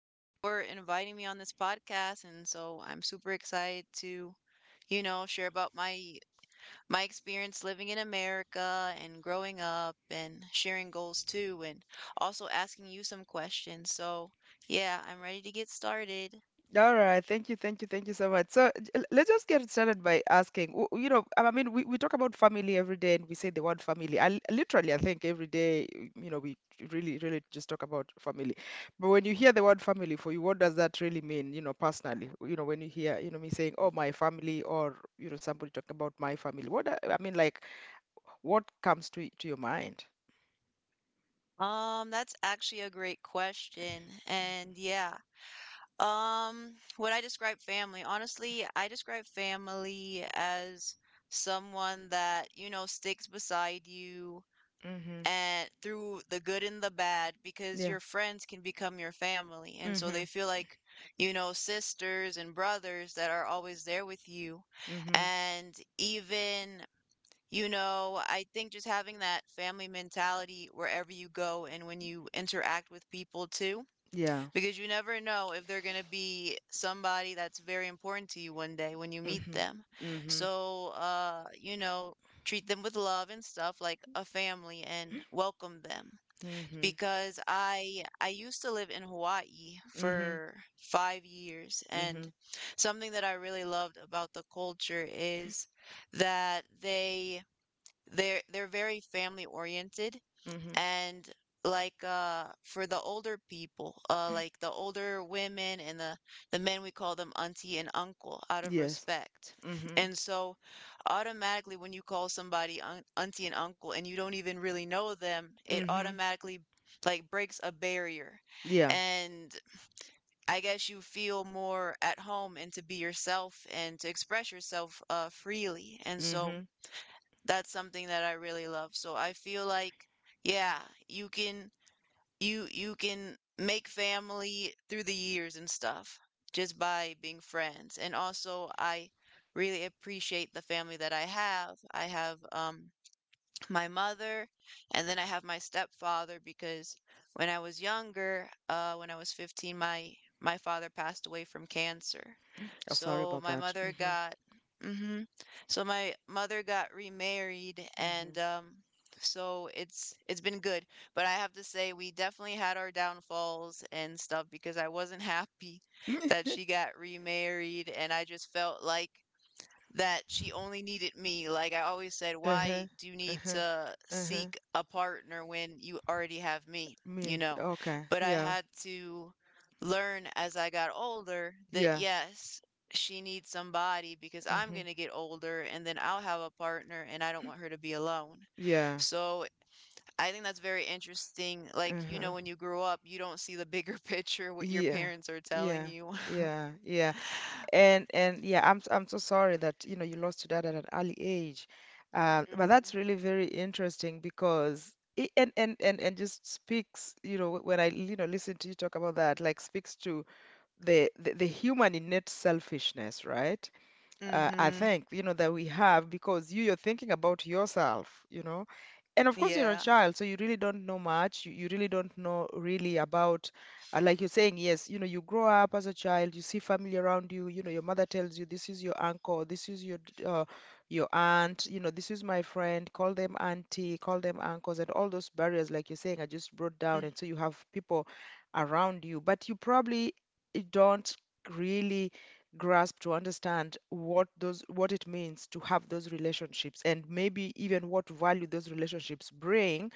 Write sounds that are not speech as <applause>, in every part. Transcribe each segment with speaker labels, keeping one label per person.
Speaker 1: Thank you for inviting me on this podcast, and so I'm super excited to, you know, share about my experience living in America and growing up and sharing goals too, and also asking you some questions. So, yeah, I'm ready to get started.
Speaker 2: All right. Thank you. Thank you. Thank you so much. So let's just get started by asking. You know, I mean, we talk about family every day and we say the word family. I literally, I think every day, you know, we really, really just talk about family. But when you hear the word family for you, what does that really mean, you know, personally? You know, when you hear, you know, me saying, oh, my family, or, you know, somebody talking about my family, what, I mean, like, what comes to your mind?
Speaker 1: That's actually a great question, and yeah, Um, when I describe family, honestly, I describe family as someone that, you know, sticks beside you
Speaker 2: Mm-hmm.
Speaker 1: and through the good and the bad because
Speaker 2: Yeah.
Speaker 1: your friends can become your family. And so they
Speaker 2: Mm-hmm.
Speaker 1: feel like, you know, sisters and brothers that are always there with you.
Speaker 2: Mm-hmm.
Speaker 1: And even, you know, I think just having that family mentality wherever you go and when you interact with people too
Speaker 2: Yeah.
Speaker 1: because you never know if they're going to be somebody that's very important to you one day when you meet
Speaker 2: Mm-hmm.
Speaker 1: them.
Speaker 2: Mm-hmm.
Speaker 1: So, you know, treat them with love and stuff like a family and welcome them.
Speaker 2: Mm-hmm.
Speaker 1: Because I used to live in Hawaii
Speaker 2: Mm-hmm.
Speaker 1: for 5 years, and
Speaker 2: Mm-hmm.
Speaker 1: something that I really loved about the culture is that they're very family oriented,
Speaker 2: Mm-hmm.
Speaker 1: and like for the older people, like the older women and the men, we call them auntie and uncle out of
Speaker 2: Yes.
Speaker 1: respect.
Speaker 2: Mm-hmm.
Speaker 1: And so automatically when you call somebody auntie and uncle and you don't even really know them, it
Speaker 2: Mm-hmm.
Speaker 1: automatically like breaks a barrier,
Speaker 2: Yeah.
Speaker 1: and I guess you feel more at home and to be yourself and to express yourself freely. And so
Speaker 2: Mm-hmm.
Speaker 1: that's something that I really love. So I feel like, yeah, you can, you can make family through the years and stuff just by being friends. And also, I really appreciate the family that I have. I have my mother, and then I have my stepfather because when I was younger, when I was 15, my father passed away from cancer.
Speaker 2: I'm sorry
Speaker 1: So
Speaker 2: about
Speaker 1: my
Speaker 2: that.
Speaker 1: mother
Speaker 2: Mm-hmm.
Speaker 1: got hmm so my mother got remarried, and so it's been good, but I have to say we definitely had our downfalls and stuff because I wasn't <laughs> happy that
Speaker 2: Mm-hmm.
Speaker 1: she
Speaker 2: <laughs>
Speaker 1: got remarried, and I just felt like that she only needed me. Like I always said, why
Speaker 2: Uh-huh.
Speaker 1: do you need
Speaker 2: Uh-huh.
Speaker 1: to
Speaker 2: Uh-huh.
Speaker 1: seek a partner when you already have me, you
Speaker 2: Me.
Speaker 1: know?
Speaker 2: Okay.
Speaker 1: But I
Speaker 2: Yeah.
Speaker 1: had to learn as I got older that
Speaker 2: Yeah.
Speaker 1: yes, she needs somebody because I'm
Speaker 2: Mm-hmm.
Speaker 1: going to get older and then I'll have a partner and I don't want her to be alone.
Speaker 2: Yeah.
Speaker 1: So I think that's very interesting. Like, you
Speaker 2: Uh-huh.
Speaker 1: know, when you grow up, you don't see the bigger <laughs> picture, what your
Speaker 2: Yeah.
Speaker 1: parents are telling
Speaker 2: Yeah.
Speaker 1: you.
Speaker 2: Yeah. Yeah.
Speaker 1: <laughs>
Speaker 2: And yeah, I'm so sorry that, you know, you lost your dad at an early age. But that's
Speaker 1: hmm
Speaker 2: really very interesting because it, and just speaks, you know, when I, you know, listen to you talk about that, like speaks to the human innate selfishness, right? I
Speaker 1: hmm
Speaker 2: think you know that we have because you're thinking about yourself, you know, and of course you're a
Speaker 1: Yeah.
Speaker 2: child, so you really don't know much, you really don't know really about, like you're saying, yes, you know, you grow up as a child, you see family around you, you know your mother tells you this is your uncle, this is your your aunt, you know, this is my friend, call them auntie, call them uncles, and all those barriers, like you're saying, are just brought down. And so you have people around you, but you probably don't really grasp to understand what those, what it means to have those relationships, and maybe even what value those relationships bring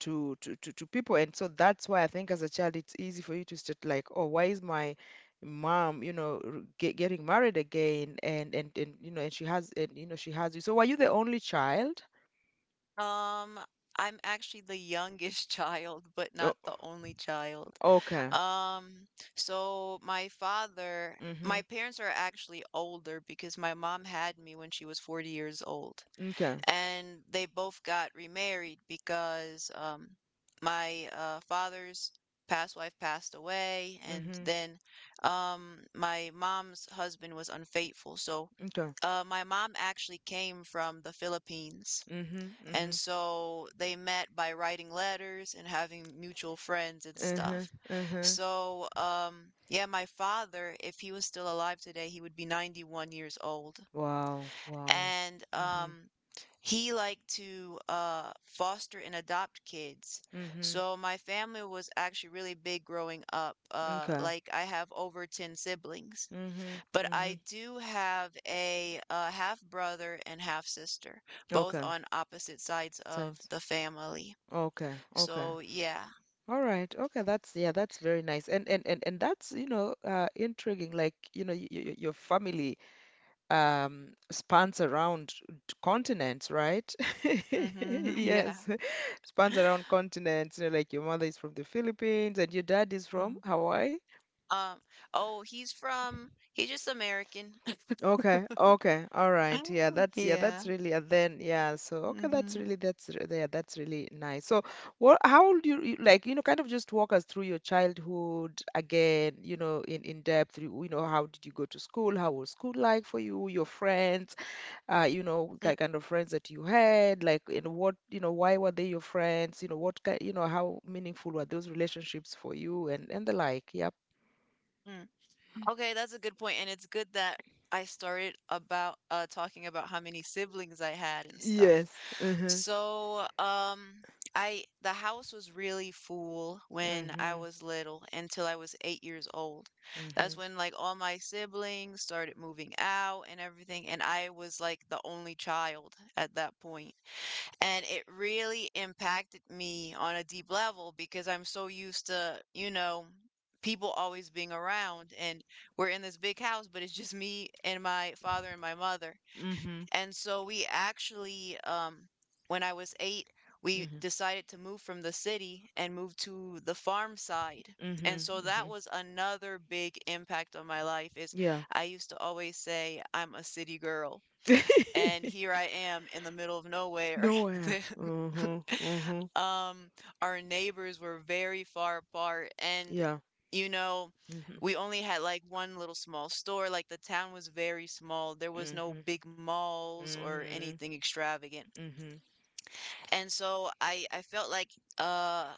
Speaker 2: to people. And so that's why I think as a child it's easy for you to start like, oh, why is my mom, you know, getting married again? And you know, and she has, and you know, she has you. So were you the only child?
Speaker 1: Um, I'm actually the youngest <laughs> child, but not
Speaker 2: Oh.
Speaker 1: the only child.
Speaker 2: Okay.
Speaker 1: Um, so my father,
Speaker 2: Mm-hmm.
Speaker 1: my parents are actually older because my mom had me when she was 40 years old,
Speaker 2: Okay.
Speaker 1: and they both got remarried because my father's past wife passed away, and
Speaker 2: Mm-hmm.
Speaker 1: then my mom's husband was unfaithful. So,
Speaker 2: Okay.
Speaker 1: my mom actually came from the Philippines,
Speaker 2: Mm-hmm.
Speaker 1: and so they met by writing letters and having mutual friends and
Speaker 2: Mm-hmm. Uh-huh.
Speaker 1: stuff.
Speaker 2: Uh-huh.
Speaker 1: So, yeah, my father, if he was still alive today, he would be 91 years old.
Speaker 2: Wow. Wow.
Speaker 1: And
Speaker 2: Mm-hmm.
Speaker 1: he liked to foster and adopt kids.
Speaker 2: Mm-hmm.
Speaker 1: So my family was actually really big growing up.
Speaker 2: Okay.
Speaker 1: Like I have over 10 siblings.
Speaker 2: Mhm.
Speaker 1: But I
Speaker 2: Mhm.
Speaker 1: do have a, half brother and half sister, both
Speaker 2: Okay.
Speaker 1: on opposite sides of
Speaker 2: Sense.
Speaker 1: the family.
Speaker 2: Okay. Okay.
Speaker 1: So yeah.
Speaker 2: All right. Okay. That's, yeah, that's very nice. And that's, you know, intriguing. Like, you know, y y your family spans around continents, right? <laughs>
Speaker 1: <laughs> Yeah.
Speaker 2: Yes, <laughs> spans around continents. You know, like your mother is from the Philippines and your dad is from
Speaker 1: Mhm.
Speaker 2: Hawaii.
Speaker 1: Um, oh, he's from, he's just American. <laughs>
Speaker 2: Okay,
Speaker 1: <laughs>
Speaker 2: okay, all right. Yeah, that's, yeah,
Speaker 1: Yeah.
Speaker 2: that's really, and then yeah, so okay, that's
Speaker 1: Mm-hmm.
Speaker 2: really, that's yeah, that's really nice. So, what, how old like, you know, kind of just walk us through your childhood again, you know, in depth. You know, how did you go to school? How was school like for you? Your friends, you know, kind of friends that you had, like, and what, you know, why were they your friends? You know, what kind, you know, how meaningful were those relationships for you and the like. Yep.
Speaker 1: Okay, that's a good point, and it's good that I started about talking about how many siblings I had and stuff.
Speaker 2: Yes. Mm-hmm.
Speaker 1: So, I the house was really full when I
Speaker 2: Mm-hmm.
Speaker 1: was little until I was 8 years old. That's
Speaker 2: Mm-hmm.
Speaker 1: when like all my siblings started moving out and everything, and I was like the only child at that point. And it really impacted me on a deep level because I'm so used to, you know, people always being around, and we're in this big house, but it's just me and my father and my mother.
Speaker 2: Mm-hmm.
Speaker 1: And so we actually, when I was eight, we
Speaker 2: Mhm.
Speaker 1: decided to move from the city and move to the farm side. And
Speaker 2: Mhm.
Speaker 1: so that
Speaker 2: Mhm.
Speaker 1: was another big impact on my life is
Speaker 2: Yeah.
Speaker 1: I used to always say I'm a city girl and here
Speaker 2: <laughs>
Speaker 1: I am in the middle of nowhere. <laughs>
Speaker 2: Nowhere.
Speaker 1: The-
Speaker 2: Mhm.
Speaker 1: <laughs>
Speaker 2: Mhm.
Speaker 1: um, our neighbors were very far apart, and
Speaker 2: Yeah.
Speaker 1: you know,
Speaker 2: Mhm.
Speaker 1: we only had like one little small store. Like the town was very small. There was no
Speaker 2: Mhm.
Speaker 1: big malls or
Speaker 2: Mhm.
Speaker 1: anything extravagant.
Speaker 2: Mhm.
Speaker 1: And so I felt like uh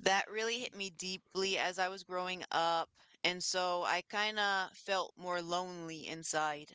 Speaker 1: that really hit me deeply as I was growing up. And so I kind of felt more lonely inside.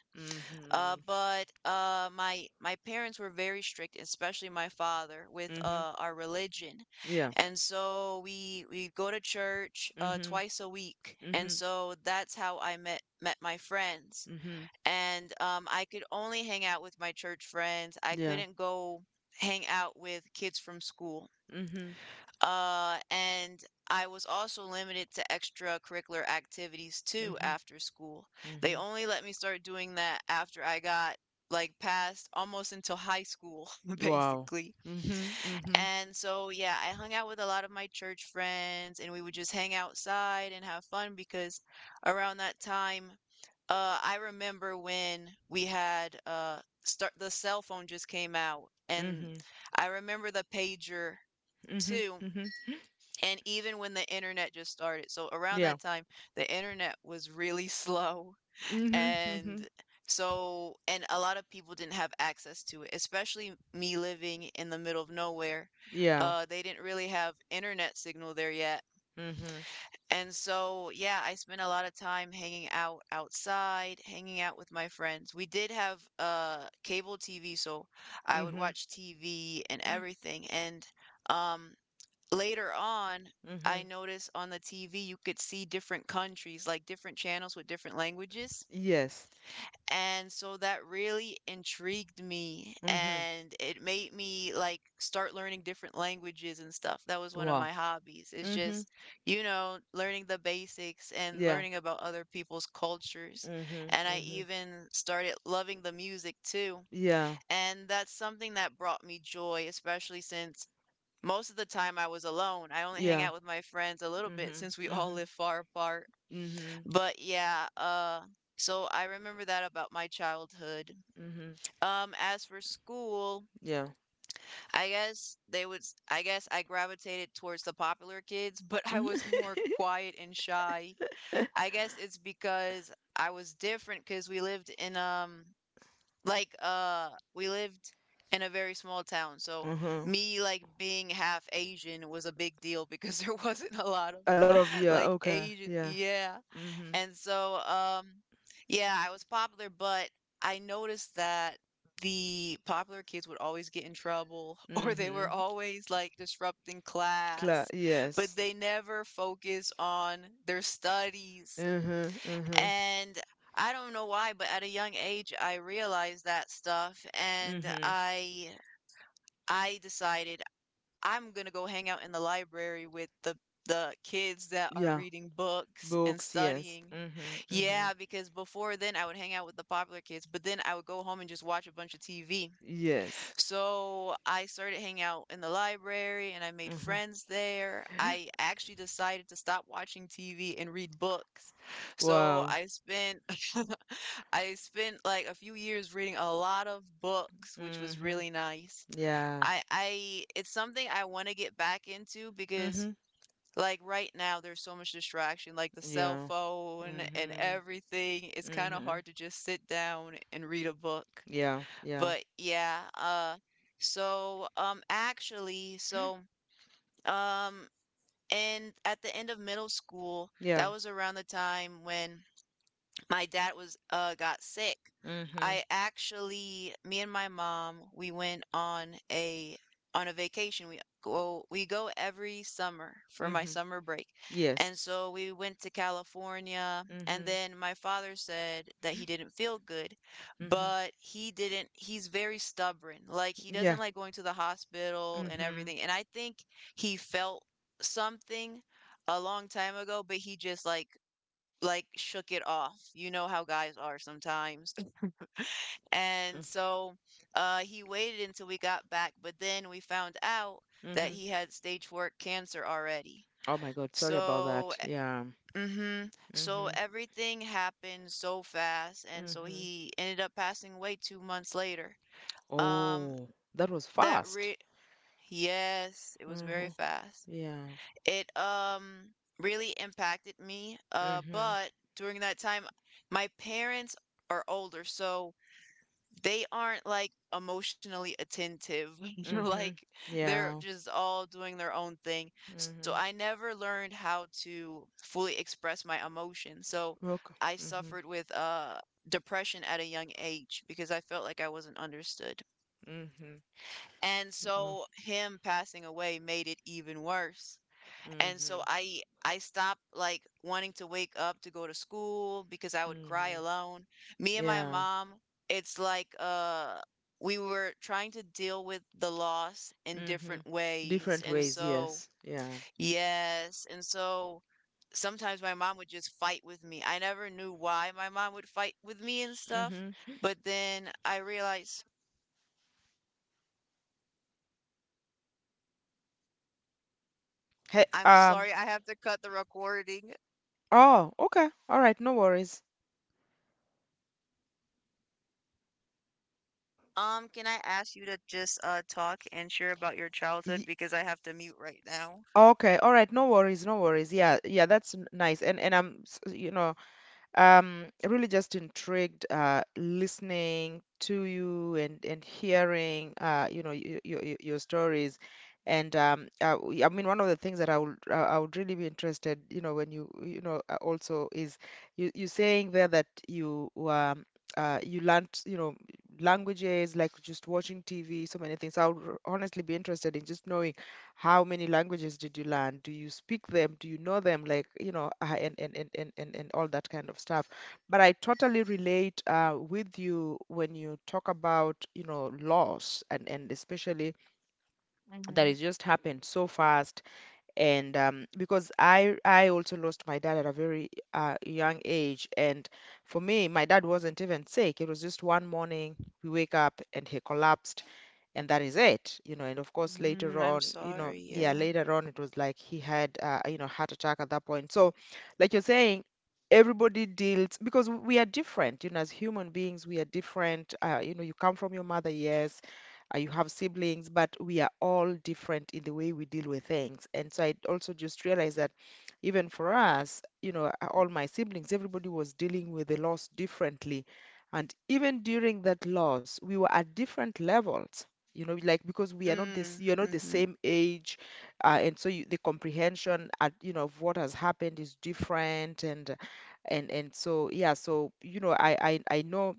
Speaker 1: Uh,
Speaker 2: Mhm.
Speaker 1: but uh, my parents were very strict, especially my father, with
Speaker 2: Mhm.
Speaker 1: our religion,
Speaker 2: Yeah.
Speaker 1: and so we go to church
Speaker 2: Mhm.
Speaker 1: twice a week, and
Speaker 2: Mhm.
Speaker 1: so that's how I met my friends.
Speaker 2: Mhm.
Speaker 1: And I could only hang out with my church friends. I
Speaker 2: Yeah.
Speaker 1: couldn't go hang out with kids from school.
Speaker 2: Mhm.
Speaker 1: And I was also limited to extracurricular activities too
Speaker 2: Mhm.
Speaker 1: after school. They
Speaker 2: Mhm.
Speaker 1: only let me start doing that after I got like past almost until high school, <laughs>
Speaker 2: Wow.
Speaker 1: basically.
Speaker 2: Mhm. Mhm.
Speaker 1: And so, yeah, I hung out with a lot of my church friends and we would just hang outside and have fun because around that time, I remember when we had start the cell phone just came out, and
Speaker 2: Mhm.
Speaker 1: I remember the pager
Speaker 2: Mhm.
Speaker 1: too
Speaker 2: Mhm.
Speaker 1: and even when the internet just started. So around
Speaker 2: Yeah.
Speaker 1: that time, the internet was really <laughs> slow.
Speaker 2: Mhm. Mhm.
Speaker 1: And so, and a lot of people didn't have access to it, especially me living in the middle of nowhere.
Speaker 2: Yeah.
Speaker 1: They didn't really have internet signal there yet.
Speaker 2: Mhm.
Speaker 1: And so, yeah, I spent a lot of time hanging out outside, hanging out with my friends. We did have cable TV, so I would
Speaker 2: Mhm.
Speaker 1: watch TV and everything. And um later on, I
Speaker 2: Mhm.
Speaker 1: noticed on the TV you could see different countries, like different channels with different languages.
Speaker 2: Yes.
Speaker 1: And so that really intrigued me
Speaker 2: Mhm.
Speaker 1: and it made me like start learning different languages and stuff. That was one of
Speaker 2: Wow.
Speaker 1: my hobbies. It's
Speaker 2: Mhm.
Speaker 1: just, you know, learning the basics and
Speaker 2: Yeah.
Speaker 1: learning about other people's cultures.
Speaker 2: Mhm.
Speaker 1: And I
Speaker 2: Mhm.
Speaker 1: even started loving the music too.
Speaker 2: Yeah.
Speaker 1: And that's something that brought me joy, especially since most of the time I was alone. I only hang
Speaker 2: Yeah.
Speaker 1: out with my friends a little bit
Speaker 2: Mhm.
Speaker 1: since we <laughs> all
Speaker 2: Mhm.
Speaker 1: live far apart.
Speaker 2: Mhm.
Speaker 1: But yeah, so I remember that about my childhood.
Speaker 2: Mhm.
Speaker 1: As for school,
Speaker 2: Yeah.
Speaker 1: I guess they would I guess I gravitated towards the popular kids, <laughs> but I
Speaker 2: Mhm.
Speaker 1: was more
Speaker 2: <laughs>
Speaker 1: quiet and shy. I guess it's because I was different because we lived in like, we lived in a very small town, so
Speaker 2: Uh-huh.
Speaker 1: me like being half Asian was a big deal because <laughs> there wasn't a lot of
Speaker 2: A lot of,
Speaker 1: <laughs>
Speaker 2: yeah,
Speaker 1: like
Speaker 2: okay.
Speaker 1: Asian,
Speaker 2: Yeah.
Speaker 1: yeah.
Speaker 2: Mhm.
Speaker 1: And so, yeah, I was popular, but I noticed that the popular kids would always get in trouble <laughs> or they were
Speaker 2: Mhm.
Speaker 1: always like disrupting
Speaker 2: Cla
Speaker 1: class, but
Speaker 2: yes.
Speaker 1: they never focus on their studies.
Speaker 2: Mhm. Huh. Uh-huh.
Speaker 1: And I don't know why, but at a young age I realized that stuff and
Speaker 2: Mhm.
Speaker 1: I decided I'm going to go hang out in the library with the kids that are
Speaker 2: Yeah.
Speaker 1: reading books and
Speaker 2: Books, yes.
Speaker 1: studying.
Speaker 2: Mhm. Mhm.
Speaker 1: Yeah, because before then I would hang out with the popular kids, but then I would go home and just watch a bunch of TV.
Speaker 2: Yes.
Speaker 1: So I started hanging out in the library and I made
Speaker 2: Uh-huh.
Speaker 1: friends there. I actually decided to stop watching TV and read books. So
Speaker 2: Wow.
Speaker 1: I spent <laughs> I spent like a few years reading a lot of books, which was
Speaker 2: Mhm.
Speaker 1: really nice.
Speaker 2: Yeah.
Speaker 1: I it's something I want to get back into because
Speaker 2: Mhm.
Speaker 1: like right now there's so much distraction like the cell
Speaker 2: Yeah.
Speaker 1: phone and
Speaker 2: Mhm.
Speaker 1: everything. It's kind of
Speaker 2: Mhm.
Speaker 1: hard to just sit down and read a book.
Speaker 2: Yeah. Yeah.
Speaker 1: But yeah, so actually so um and at the end of middle school,
Speaker 2: Yeah.
Speaker 1: that was around the time when my dad was got sick.
Speaker 2: Mhm.
Speaker 1: I actually, me and my mom, we went on a vacation. We go every summer for my
Speaker 2: Mhm.
Speaker 1: summer break.
Speaker 2: Yes.
Speaker 1: And so we went to California and
Speaker 2: Mhm.
Speaker 1: then my father said that he didn't feel good,
Speaker 2: Mhm.
Speaker 1: but he didn't he's very stubborn. Like he
Speaker 2: Yeah.
Speaker 1: doesn't like going to the hospital and
Speaker 2: Mhm.
Speaker 1: everything. And I think he felt something a long time ago, but he just like shook it off. You know how guys are sometimes. And so he waited until we got back, but then we found out that
Speaker 2: Mm-hmm.
Speaker 1: he had stage four cancer already.
Speaker 2: Oh my God, sorry about
Speaker 1: So,
Speaker 2: that. Yeah.
Speaker 1: e, mm-hmm, so
Speaker 2: Mm-hmm.
Speaker 1: everything happened so fast, and so
Speaker 2: Mm-hmm.
Speaker 1: he ended up passing away 2 months later. Um,
Speaker 2: Oh, that was
Speaker 1: that
Speaker 2: fast.
Speaker 1: re yes, it was very
Speaker 2: Mm-hmm.
Speaker 1: fast.
Speaker 2: Yeah.
Speaker 1: It really impacted me.
Speaker 2: Mm-hmm.
Speaker 1: But during that time, my parents are older, so they aren't, like, emotionally attentive, <laughs>
Speaker 2: Mm-hmm.
Speaker 1: like,
Speaker 2: Yeah.
Speaker 1: they're just all doing their own thing, so
Speaker 2: Mm-hmm.
Speaker 1: I never learned how to fully express my emotions, so
Speaker 2: Okay.
Speaker 1: I
Speaker 2: Mm-hmm.
Speaker 1: suffered with, depression at a young age because I felt like I wasn't understood,
Speaker 2: Mm-hmm.
Speaker 1: and
Speaker 2: Wow.
Speaker 1: so him passing away made it even worse, and
Speaker 2: Mm-hmm.
Speaker 1: so I stopped like wanting to wake up to go to school because I would
Speaker 2: Mm-hmm.
Speaker 1: cry alone. Me and my
Speaker 2: Yeah.
Speaker 1: mom, it's like we were trying to deal with the loss in
Speaker 2: Mm-hmm.
Speaker 1: different
Speaker 2: Different
Speaker 1: ways, and
Speaker 2: ways,
Speaker 1: so
Speaker 2: yes. Yeah.
Speaker 1: yes, and so sometimes my mom would just fight with me. I never knew why my mom would fight with me and stuff,
Speaker 2: Mm-hmm.
Speaker 1: but then I realized
Speaker 2: Hey,
Speaker 1: I'm sorry, I have to cut the recording.
Speaker 2: oh, okay. All right, no worries.
Speaker 1: Can I ask you to just talk and share about your childhood
Speaker 2: Ye-
Speaker 1: because I have to mute right now?
Speaker 2: okay, all right, no worries, no worries. Yeah, yeah, that's nice. And I'm, you know, um, really just intrigued, listening to you and hearing, you know, your stories. And I mean, one of the things that I would, I would really be interested, you know, when you know, also, is you you saying there that you you learned, you know, languages like just watching TV, so many things. I would honestly be interested in just knowing how many languages did you learn? Do you speak them? Do you know them? Like, you know, and all that kind of stuff. But I totally relate, with you when you talk about, you know, loss, and especially that
Speaker 1: Mm-hmm.
Speaker 2: it just happened so fast. And because I also lost my dad at a very young age. And for me, my dad wasn't even sick. It was just one morning we wake up and he collapsed, and that is it, you know. And of course later
Speaker 1: Mm, I'm
Speaker 2: on, you know,
Speaker 1: sorry.
Speaker 2: yeah,
Speaker 1: Yeah.
Speaker 2: later on it was like he had, you know, heart attack at that point. So like you're saying, everybody deals because we are different, you know. As human beings we are different, you know, you come from your mother, yes, you have siblings, but we are all different in the way we deal with things. And so I also just realized that even for us, you know, all my siblings, everybody was dealing with the loss differently, and even during that loss we were at different levels, you know, like, because we are not this,
Speaker 1: Mm,
Speaker 2: you're not the
Speaker 1: mm-hmm.
Speaker 2: same age, and so you, the comprehension at, you know, of what has happened is different. And so, yeah, so you know, I know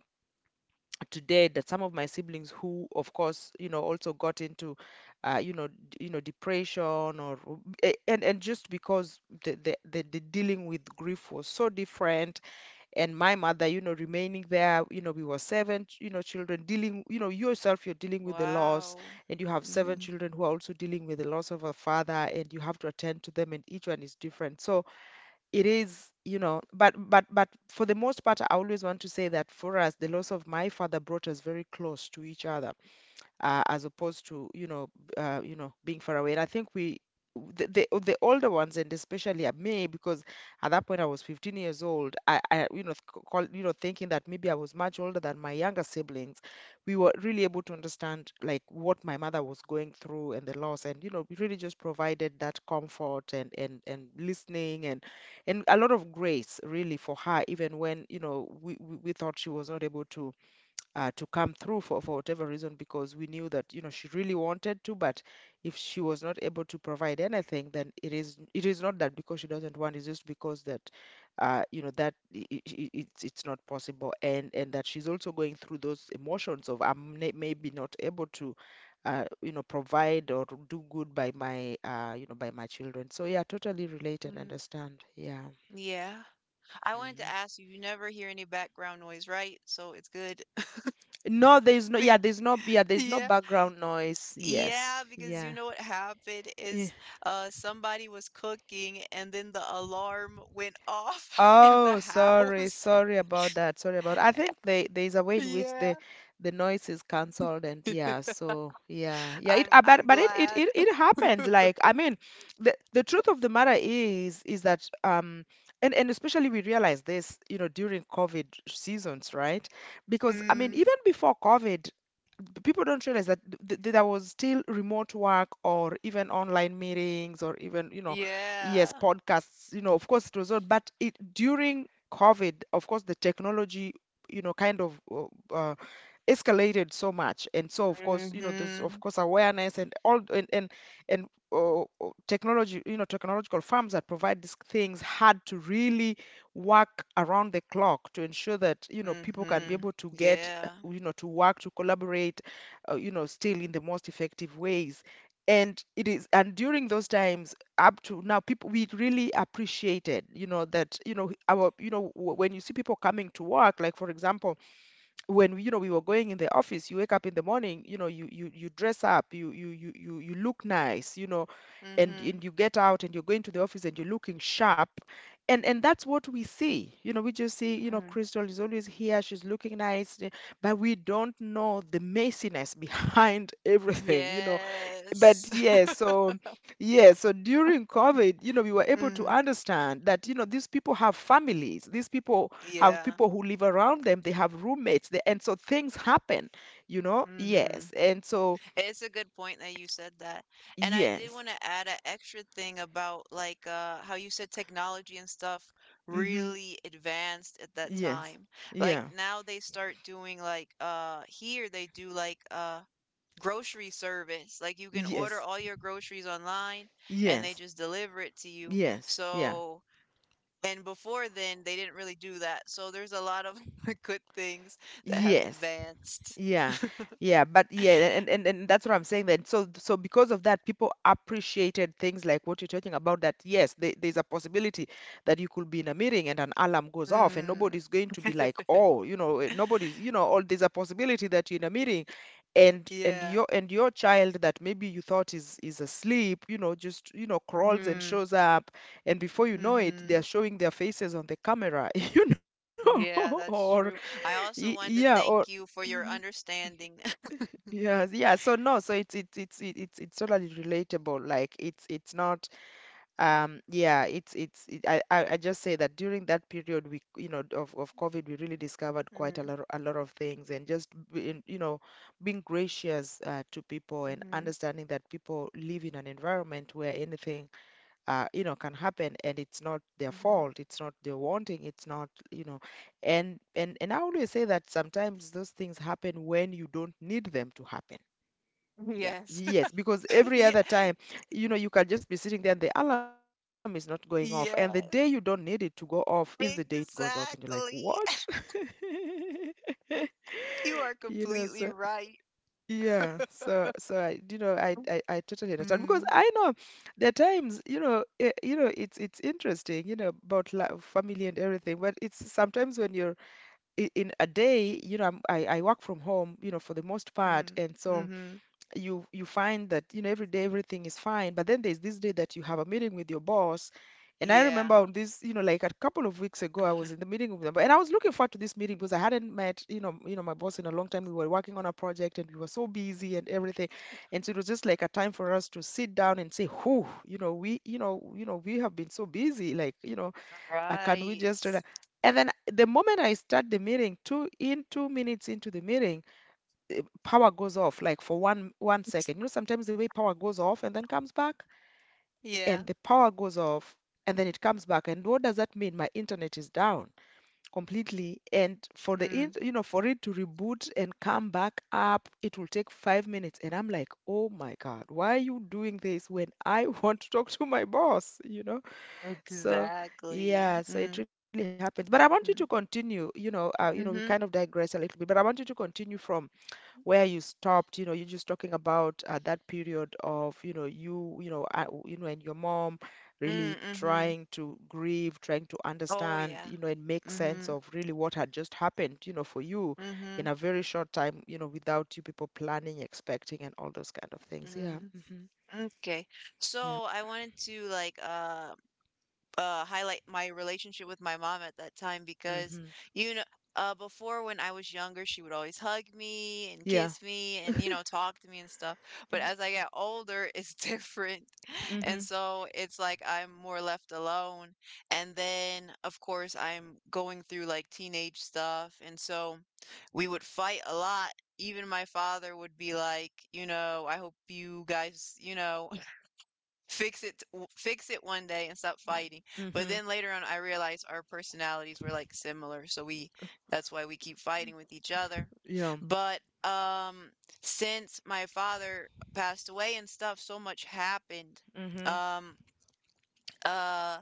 Speaker 2: today that some of my siblings, who of course, you know, also got into, you know, you know, depression, or a- and just because the dealing with grief was so different. And my mother, you know, remaining there, you know, we were seven, you know, children dealing, you know, yourself, you're dealing with the loss,
Speaker 1: Wow.
Speaker 2: and you have seven
Speaker 1: Mm-hmm.
Speaker 2: children who are also dealing with the loss of a father, and you have to attend to them, and each one is different. So it is, you know, but for the most part, I always want to say that for us, the loss of my father brought us very close to each other, as opposed to, you know, you know, being far away. And I think we, the older ones, and especially at me, because at that point I was 15 years old. I, you know, you know, thinking that maybe I was much older than my younger siblings. We were really able to understand like what my mother was going through, and the loss, and you know, we really just provided that comfort and listening, and a lot of grace really for her, even when, you know, we thought she was not able to, to come through for whatever reason, because we knew that, you know, she really wanted to, but if she was not able to provide anything, then it is, it is not that because she doesn't want, it's just because that, you know, that it's not possible, and that she's also going through those emotions of I'm maybe not able to, you know, provide or do good by my, you know, by my children. So yeah, totally relate and
Speaker 1: Mm,
Speaker 2: understand, yeah.
Speaker 1: yeah. I wanted to
Speaker 2: Hmm.
Speaker 1: ask you, you never hear any background noise, right? So it's good.
Speaker 2: No, there's
Speaker 1: <laughs>
Speaker 2: no,
Speaker 1: Be-
Speaker 2: yeah, there's no, yeah, there's no
Speaker 1: Yeah.
Speaker 2: background noise. Yes,
Speaker 1: Yeah, because you
Speaker 2: yeah.
Speaker 1: know what happened
Speaker 2: Yeah.
Speaker 1: is somebody was cooking and then the alarm went off <laughs> in the
Speaker 2: Oh, sorry,
Speaker 1: house.
Speaker 2: sorry about that. Sorry about, I
Speaker 1: <laughs>
Speaker 2: think they, there's a way in which
Speaker 1: Yeah.
Speaker 2: the noise is cancelled, and yeah, so yeah. Yeah, it
Speaker 1: I'm
Speaker 2: but
Speaker 1: I'm
Speaker 2: but it it
Speaker 1: glad.
Speaker 2: it, it happens.
Speaker 1: <laughs>
Speaker 2: Like I mean, the truth of the matter is that and especially we realize this, you know, during COVID seasons, right? Because I mean,
Speaker 1: Mm,
Speaker 2: even before COVID, people don't realize that th th there was still remote work or even online meetings or even you know. Yes,
Speaker 1: yeah.
Speaker 2: podcasts, you know, of course it was not, but it during COVID, of course, the technology, you know, kind of uh, escalated so much. And so, of course, you know, there's of
Speaker 1: Mhm.
Speaker 2: course awareness and all and uh, uh, technology, you know, technological firms that provide these things had to really work around the clock to ensure that, you know, people can be
Speaker 1: Mhm.
Speaker 2: able to get,
Speaker 1: Yeah.
Speaker 2: to work, to collaborate, still in the most effective ways. And it is, and during those times, up to now, people we really appreciated, you know, that, you know, our, you know, when you see people coming to work, like for example, when, you know, we were going in the office, you wake up in the morning, you know, you dress up, you look nice, you know, and
Speaker 1: Mhm.
Speaker 2: and you get out and you're going to the office and you're looking sharp, and that's what we see, you know, we just see, you know,
Speaker 1: Mm.
Speaker 2: Crystal is always here, she's looking nice, but we don't know the messiness behind <laughs> everything.
Speaker 1: Yes.
Speaker 2: But
Speaker 1: <laughs>
Speaker 2: yeah, so during COVID, you know, we were able to
Speaker 1: Mm,
Speaker 2: understand that, you know, these people have families. These people have
Speaker 1: yeah.
Speaker 2: people who live around them, they have roommates, and so things happen, you know? Yes.
Speaker 1: Mhm.
Speaker 2: And so,
Speaker 1: It's a good point that you said that. And I did
Speaker 2: yes.
Speaker 1: want to add an extra thing about like how you said technology and stuff
Speaker 2: Mm-hmm.
Speaker 1: really advanced at that
Speaker 2: Yes.
Speaker 1: time. Like
Speaker 2: Yeah.
Speaker 1: now they start doing like here they do like grocery service. Like you can order
Speaker 2: Yes.
Speaker 1: all your groceries online and they
Speaker 2: Yes.
Speaker 1: just deliver it to you.
Speaker 2: Yes. Yeah.
Speaker 1: So, and before then, they didn't really do that. So there's a lot of <laughs> good things that have
Speaker 2: Yes.
Speaker 1: advanced.
Speaker 2: Yeah, yeah, but yeah, and that's what I'm saying then. So because of that, people appreciated things like what you're talking about, that yes, there's a possibility that you could be in a meeting and an alarm goes off and
Speaker 1: Mm.
Speaker 2: nobody's going to be like,
Speaker 1: <laughs>
Speaker 2: oh, you know, nobody's, you know, or there's a possibility that you're in a meeting and and
Speaker 1: Yeah.
Speaker 2: your and your child that maybe you thought is asleep, you know, just, you know, crawls and
Speaker 1: Mm.
Speaker 2: shows up, and before you know it, they're
Speaker 1: Mm-hmm.
Speaker 2: showing their faces on the camera, <laughs> you know, <laughs>
Speaker 1: Yeah,
Speaker 2: or
Speaker 1: that's true. I
Speaker 2: y-
Speaker 1: also
Speaker 2: yeah,
Speaker 1: wanted to
Speaker 2: or
Speaker 1: thank you for
Speaker 2: mm-hmm.
Speaker 1: your understanding. <laughs>
Speaker 2: Yes, yeah. So no, so it's totally relatable. Like it's not. Um yeah, it's it's it, I I I just say that during that period we, you know, of COVID, we really discovered quite a
Speaker 1: Mm,
Speaker 2: lot a lot of things, and just being, you know, being gracious, to people, and
Speaker 1: mhm,
Speaker 2: understanding that people live in an environment where anything can happen, and it's not their
Speaker 1: mhm.
Speaker 2: fault, it's not their wanting, it's not, you know, and I always say that sometimes those things happen when you don't need them to happen. Yeah,
Speaker 1: Yes.
Speaker 2: yes, because
Speaker 1: <laughs>
Speaker 2: every other
Speaker 1: Yeah.
Speaker 2: time, you know, you can just be sitting there and the alarm is not going off. And the day you don't
Speaker 1: Yeah.
Speaker 2: need it to go off is the day it goes off. And you're like, what?
Speaker 1: Exactly.
Speaker 2: <laughs>
Speaker 1: <laughs> You are
Speaker 2: You know, so
Speaker 1: completely right.
Speaker 2: yeah, so I, you know, I totally understand because
Speaker 1: Mm,
Speaker 2: I know there are times, you know, it's interesting, you know, about love, family and everything, but it's sometimes when you're in a day, you know, I work from home, you know, for the most part,
Speaker 1: mm,
Speaker 2: and so
Speaker 1: mhm.
Speaker 2: you find that, you know, every day everything is fine, but then there's this day that you have a meeting with your boss, and I
Speaker 1: Yeah.
Speaker 2: remember on this, you know, like a couple of weeks ago, I was in the
Speaker 1: <laughs>
Speaker 2: meeting with them, and I was looking forward to this meeting because I hadn't met, you know, you know, my boss in a long time. We were working on a project and we were so busy and everything, and so it was just like a time for us to sit down and say, who, you know, we, you know, you know, we have been so busy like, you know, can we
Speaker 1: Right.
Speaker 2: just relax?" And then the moment I start the meeting, 2 minutes into the meeting, power goes off, like for one second. You know, sometimes the way power goes off and then comes back,
Speaker 1: Yeah.
Speaker 2: and the power goes off, and then it comes back. And what does that mean? My internet is down completely. And for the
Speaker 1: Mm,
Speaker 2: for it to reboot and come back up, it will take 5 minutes. And I'm like, oh my God, why are you doing this when I <laughs> want to talk to my boss? You know, so.
Speaker 1: exactly.
Speaker 2: Yeah, so it
Speaker 1: Mm,
Speaker 2: really happens. But I want you to
Speaker 1: mm,
Speaker 2: continue, you know, we kind of
Speaker 1: mhm.
Speaker 2: digress a little bit, but I want you to continue from where you stopped, you know, you're just talking about, that period of, you know, you, and your mom really
Speaker 1: Mm, mhm.
Speaker 2: trying to grieve, trying to
Speaker 1: Oh
Speaker 2: understand,
Speaker 1: yeah.
Speaker 2: you know, and make sense
Speaker 1: Mhm.
Speaker 2: of really what had just happened, you know, for you in
Speaker 1: Mhm.
Speaker 2: a very short time, you know, without you people planning, expecting, and all those kind of things. Yeah.
Speaker 1: Mm.
Speaker 2: Hmm.
Speaker 1: Okay. So
Speaker 2: Yeah.
Speaker 1: I wanted to like highlight my relationship with my mom at that time because,
Speaker 2: Hmm.
Speaker 1: you know, before when I was younger, she would always hug me and kiss
Speaker 2: Yeah.
Speaker 1: me and, you know, talk to me and stuff. But as I get older, it's <laughs> different. And
Speaker 2: Hmm.
Speaker 1: so it's like I'm more left alone. And then, of course, I'm going through like teenage stuff. And so we would fight a lot. Even my father would be like, you know, I hope you guys, you know, fix it one day and stop fighting, but
Speaker 2: Hmm.
Speaker 1: then later on I realized our personalities were like similar, so we that's why we keep fighting with each other.
Speaker 2: Yeah.
Speaker 1: But um, since my father passed away and stuff, so much happened.
Speaker 2: Hmm.
Speaker 1: um uh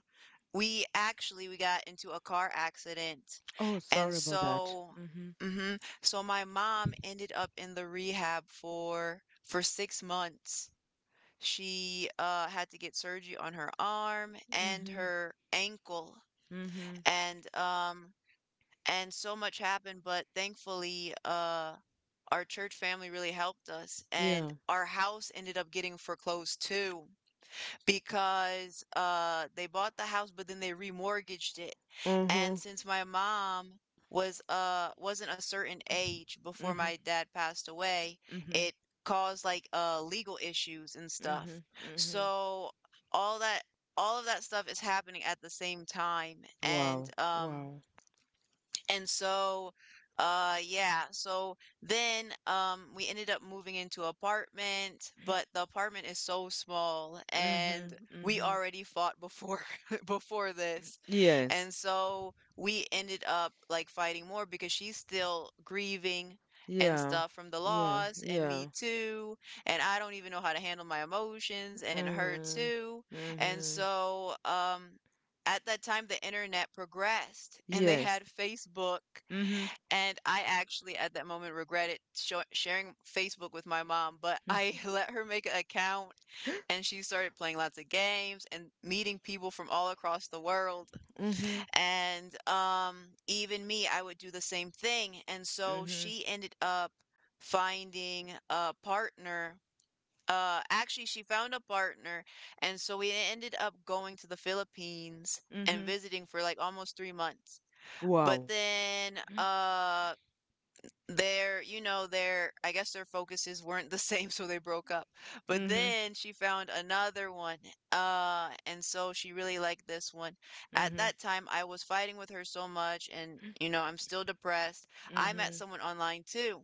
Speaker 1: we actually, we got into a car accident,
Speaker 2: Oh,
Speaker 1: and
Speaker 2: sorry about that.
Speaker 1: so
Speaker 2: Hmm.
Speaker 1: mhm, so my mom ended up in the rehab for 6 months. She, had to get surgery on her arm and
Speaker 2: Hmm.
Speaker 1: her ankle,
Speaker 2: Hmm.
Speaker 1: and, um, and so much happened, but thankfully, our church family really helped us, and
Speaker 2: Yeah.
Speaker 1: our house ended up getting foreclosed too because they bought the house, but then they remortgaged it. And
Speaker 2: Hmm.
Speaker 1: since my mom was wasn't a certain age before my
Speaker 2: Hmm.
Speaker 1: dad passed away, it
Speaker 2: Mhm.
Speaker 1: caused like legal issues and stuff.
Speaker 2: Mhm. Mhm.
Speaker 1: So all that all of that stuff is happening at the same time, and
Speaker 2: Wow. Wow.
Speaker 1: so, yeah. So then, we ended up moving into apartment, but the apartment is so small, and
Speaker 2: Mhm.
Speaker 1: we
Speaker 2: Mhm.
Speaker 1: already fought before <laughs> before this, and
Speaker 2: Yes.
Speaker 1: so we ended up like fighting more because she's still grieving and
Speaker 2: Yeah.
Speaker 1: stuff from the
Speaker 2: Yeah.
Speaker 1: loss, and me
Speaker 2: Yeah.
Speaker 1: too, and I don't even know how to handle my emotions, and her
Speaker 2: Mhm.
Speaker 1: too, and
Speaker 2: Mhm.
Speaker 1: so, at that time the internet progressed and they had
Speaker 2: Yes.
Speaker 1: Facebook,
Speaker 2: Mhm.
Speaker 1: and I actually at that moment regretted sho sharing Facebook with my mom, but I <laughs>
Speaker 2: Mhm.
Speaker 1: let her make an account, and
Speaker 2: <gasps>
Speaker 1: she started playing lots of games and meeting people from all across the world.
Speaker 2: Mhm.
Speaker 1: And even me, I would do the same thing. And so
Speaker 2: Mhm.
Speaker 1: she ended up finding a partner. Actually, she found a partner, and so we ended up going to the Philippines and
Speaker 2: Mhm.
Speaker 1: visiting for like almost 3 months.
Speaker 2: <gasps>
Speaker 1: But
Speaker 2: Wow.
Speaker 1: then, their, you know, their, I guess their focuses weren't the <laughs> same, so they broke up, but
Speaker 2: Mhm.
Speaker 1: then she found another one. And so she really liked this one. At
Speaker 2: Mhm.
Speaker 1: that time I was fighting with her so much, and you know, I'm still depressed. I met
Speaker 2: Mhm.
Speaker 1: someone online too,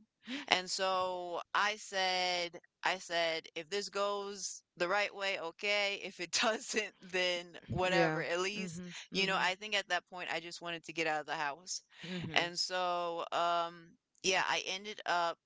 Speaker 1: and so I said if this goes the right way, okay, if it <laughs> doesn't then whatever,
Speaker 2: Yeah.
Speaker 1: at least,
Speaker 2: Mhm.
Speaker 1: you know, I
Speaker 2: Mhm.
Speaker 1: think at that point I just wanted to get out of the house.
Speaker 2: Mhm.
Speaker 1: And so um, yeah, I ended up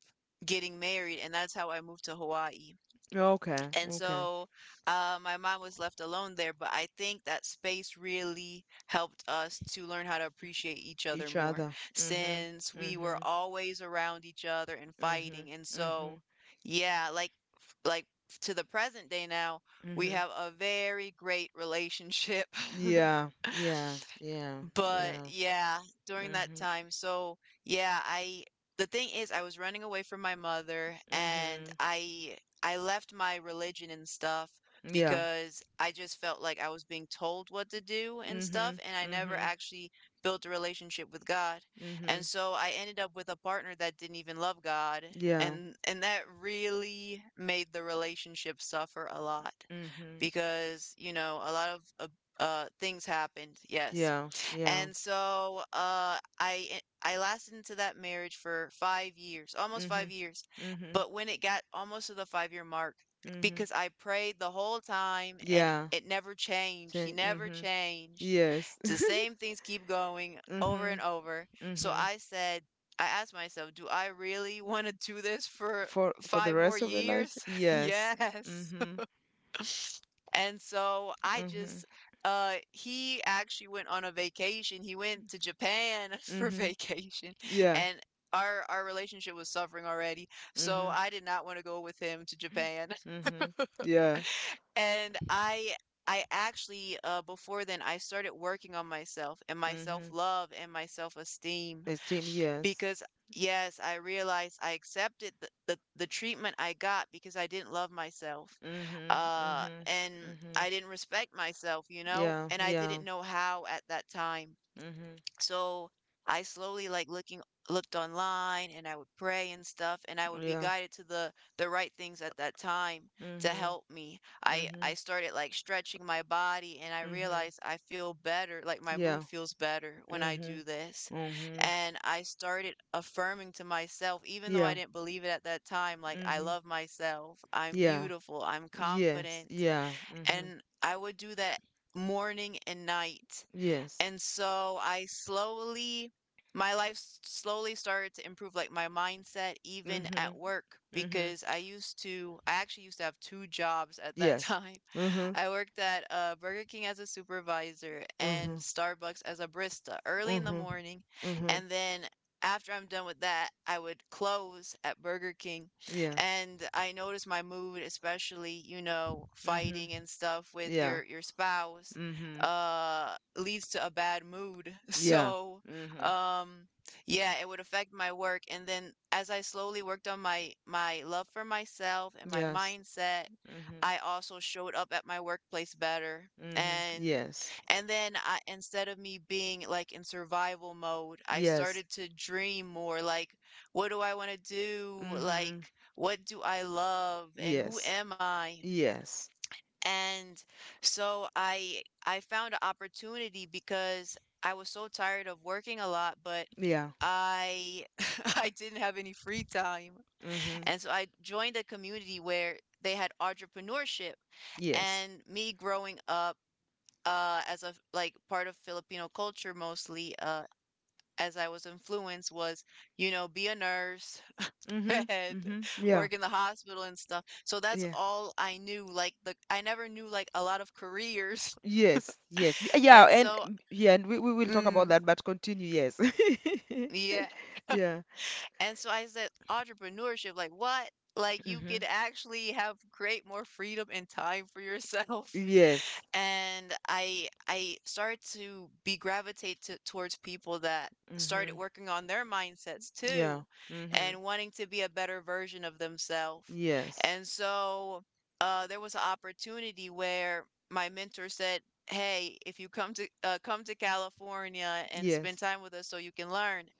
Speaker 1: getting married, and that's how I moved to Hawaii.
Speaker 2: Okay.
Speaker 1: And
Speaker 2: Okay.
Speaker 1: so my mom was left alone there, but I think that space really helped us to learn how to appreciate each other
Speaker 2: Each
Speaker 1: more
Speaker 2: other. Mhm.
Speaker 1: since we were
Speaker 2: Mhm.
Speaker 1: always around each other and fighting.
Speaker 2: Mhm.
Speaker 1: And so,
Speaker 2: Mhm.
Speaker 1: yeah, like f- like to the present day now, we have
Speaker 2: Mhm.
Speaker 1: a very great relationship.
Speaker 2: Yeah.
Speaker 1: <laughs>
Speaker 2: Yeah. Yeah.
Speaker 1: But
Speaker 2: Yeah.
Speaker 1: yeah, during that
Speaker 2: Mhm.
Speaker 1: time. So yeah, I the thing is I was running away from my mother, and
Speaker 2: Mhm.
Speaker 1: I left my religion and stuff
Speaker 2: Yeah.
Speaker 1: because I just felt like I was being told what to do and stuff,
Speaker 2: Mhm.
Speaker 1: and I never
Speaker 2: Mhm.
Speaker 1: actually built a relationship with God. And
Speaker 2: Mhm.
Speaker 1: so I ended up with a partner that didn't even love God,
Speaker 2: Yeah.
Speaker 1: and that really made the relationship suffer a lot
Speaker 2: Mhm.
Speaker 1: because, you know, a lot of things happened. Yes.
Speaker 2: Yeah.
Speaker 1: And
Speaker 2: Yeah.
Speaker 1: so, I lasted into that marriage for 5 years, almost five
Speaker 2: Mhm.
Speaker 1: years.
Speaker 2: Mhm.
Speaker 1: But when it got almost to the 5 year mark, because
Speaker 2: Mhm.
Speaker 1: I prayed the whole time and
Speaker 2: Yeah.
Speaker 1: it never changed. He never
Speaker 2: Mhm.
Speaker 1: changed.
Speaker 2: Yes. <laughs>
Speaker 1: The same things keep going over and
Speaker 2: Mhm.
Speaker 1: over. So
Speaker 2: Mhm.
Speaker 1: I said, I asked myself, do I really want to do this for
Speaker 2: For
Speaker 1: five
Speaker 2: the
Speaker 1: more
Speaker 2: rest of your
Speaker 1: years?
Speaker 2: lives?
Speaker 1: <laughs>
Speaker 2: Yes.
Speaker 1: Yes.
Speaker 2: Mhm.
Speaker 1: And so I just
Speaker 2: Mhm.
Speaker 1: he actually went on a vacation. He went to Japan <laughs> for
Speaker 2: Mhm.
Speaker 1: vacation,
Speaker 2: Yeah.
Speaker 1: and our relationship was suffering already. So
Speaker 2: Mhm.
Speaker 1: I did not want to go with him to Japan. <laughs>
Speaker 2: Mhm. Yeah.
Speaker 1: And I actually before then I started working on myself and my
Speaker 2: Mhm.
Speaker 1: self-love and my self-esteem
Speaker 2: Esteem, yes.
Speaker 1: because yes, I realized I accepted the treatment I got because I didn't love myself.
Speaker 2: Mhm. Mhm.
Speaker 1: And I
Speaker 2: Mhm.
Speaker 1: didn't respect myself, you know,
Speaker 2: Yeah.
Speaker 1: and I didn't
Speaker 2: Yeah.
Speaker 1: know how at that time.
Speaker 2: Mhm.
Speaker 1: So I slowly like looking looked online, and I would pray and stuff, and I would be
Speaker 2: Yeah.
Speaker 1: guided to the right things at that time to
Speaker 2: Mhm.
Speaker 1: help me. I
Speaker 2: Mhm.
Speaker 1: started like stretching my body, and I
Speaker 2: Mhm.
Speaker 1: realized I feel better, like my mood
Speaker 2: Yeah.
Speaker 1: feels better when I do
Speaker 2: Mhm.
Speaker 1: this.
Speaker 2: Mhm.
Speaker 1: And I started affirming to myself even though I
Speaker 2: Yeah.
Speaker 1: didn't believe it at that time, like I
Speaker 2: Mhm.
Speaker 1: love myself. I'm
Speaker 2: Yeah.
Speaker 1: beautiful. I'm
Speaker 2: Yes.
Speaker 1: confident.
Speaker 2: Yeah. Mhm.
Speaker 1: And I would do that morning and night,
Speaker 2: Yes.
Speaker 1: and so I slowly, slowly started to improve, like my mindset even at
Speaker 2: Mhm.
Speaker 1: work,
Speaker 2: Mhm.
Speaker 1: because I actually used to have two jobs at that
Speaker 2: Yes.
Speaker 1: time. <laughs>
Speaker 2: Mhm.
Speaker 1: I worked at Burger King as a supervisor and
Speaker 2: Mhm.
Speaker 1: Starbucks as a barista early in the
Speaker 2: Mhm.
Speaker 1: morning,
Speaker 2: Mhm.
Speaker 1: and then after I'm done with that, I would close at Burger King,
Speaker 2: Yeah.
Speaker 1: and I noticed my mood, especially, you know,
Speaker 2: Mhm.
Speaker 1: fighting and stuff with
Speaker 2: Yeah.
Speaker 1: your spouse
Speaker 2: Mhm.
Speaker 1: leads to a bad mood. <laughs>
Speaker 2: Yeah.
Speaker 1: So
Speaker 2: Mhm.
Speaker 1: um yeah, it would affect my work, and then as I slowly worked on my love for myself and my
Speaker 2: Yes.
Speaker 1: mindset,
Speaker 2: Mhm.
Speaker 1: I also showed up at my workplace better,
Speaker 2: Mhm.
Speaker 1: and
Speaker 2: Yes.
Speaker 1: then I, instead of me being like in survival mode, I
Speaker 2: Yes.
Speaker 1: started to dream more, like what do I want to do,
Speaker 2: Mhm.
Speaker 1: like what do I love and who
Speaker 2: Yes.
Speaker 1: am I.
Speaker 2: Yes.
Speaker 1: And so I found an opportunity because I was so tired of working a lot, but
Speaker 2: Yeah.
Speaker 1: I <laughs> I didn't have any free time.
Speaker 2: Mhm.
Speaker 1: And so I joined a community where they had entrepreneurship,
Speaker 2: Yes.
Speaker 1: and me growing up as a like part of Filipino culture, mostly as I was influenced was, you know, be a nurse,
Speaker 2: Mhm.
Speaker 1: bed,
Speaker 2: Mhm.
Speaker 1: <laughs>
Speaker 2: Yeah.
Speaker 1: work in the hospital and stuff. So that's
Speaker 2: Yeah.
Speaker 1: all I knew. Like the I never knew like a lot of careers. <laughs>
Speaker 2: Yes, yes. Yeah,
Speaker 1: And
Speaker 2: and
Speaker 1: so
Speaker 2: yeah, and we will talk about
Speaker 1: mm,
Speaker 2: that, but continue, yes.
Speaker 1: yeah.
Speaker 2: <laughs> Yeah.
Speaker 1: And so I said entrepreneurship, like what? Like you
Speaker 2: Hmm.
Speaker 1: could actually have great more freedom and time for yourself.
Speaker 2: Yes.
Speaker 1: And I started to be gravitate towards people that started
Speaker 2: Hmm.
Speaker 1: working on their mindsets too,
Speaker 2: Yeah. Hmm.
Speaker 1: and wanting to be a better version of themselves.
Speaker 2: Yes.
Speaker 1: And so there was an opportunity where my mentor said, "Hey, if you come to California and spend
Speaker 2: Yes.
Speaker 1: time with us, so you can learn."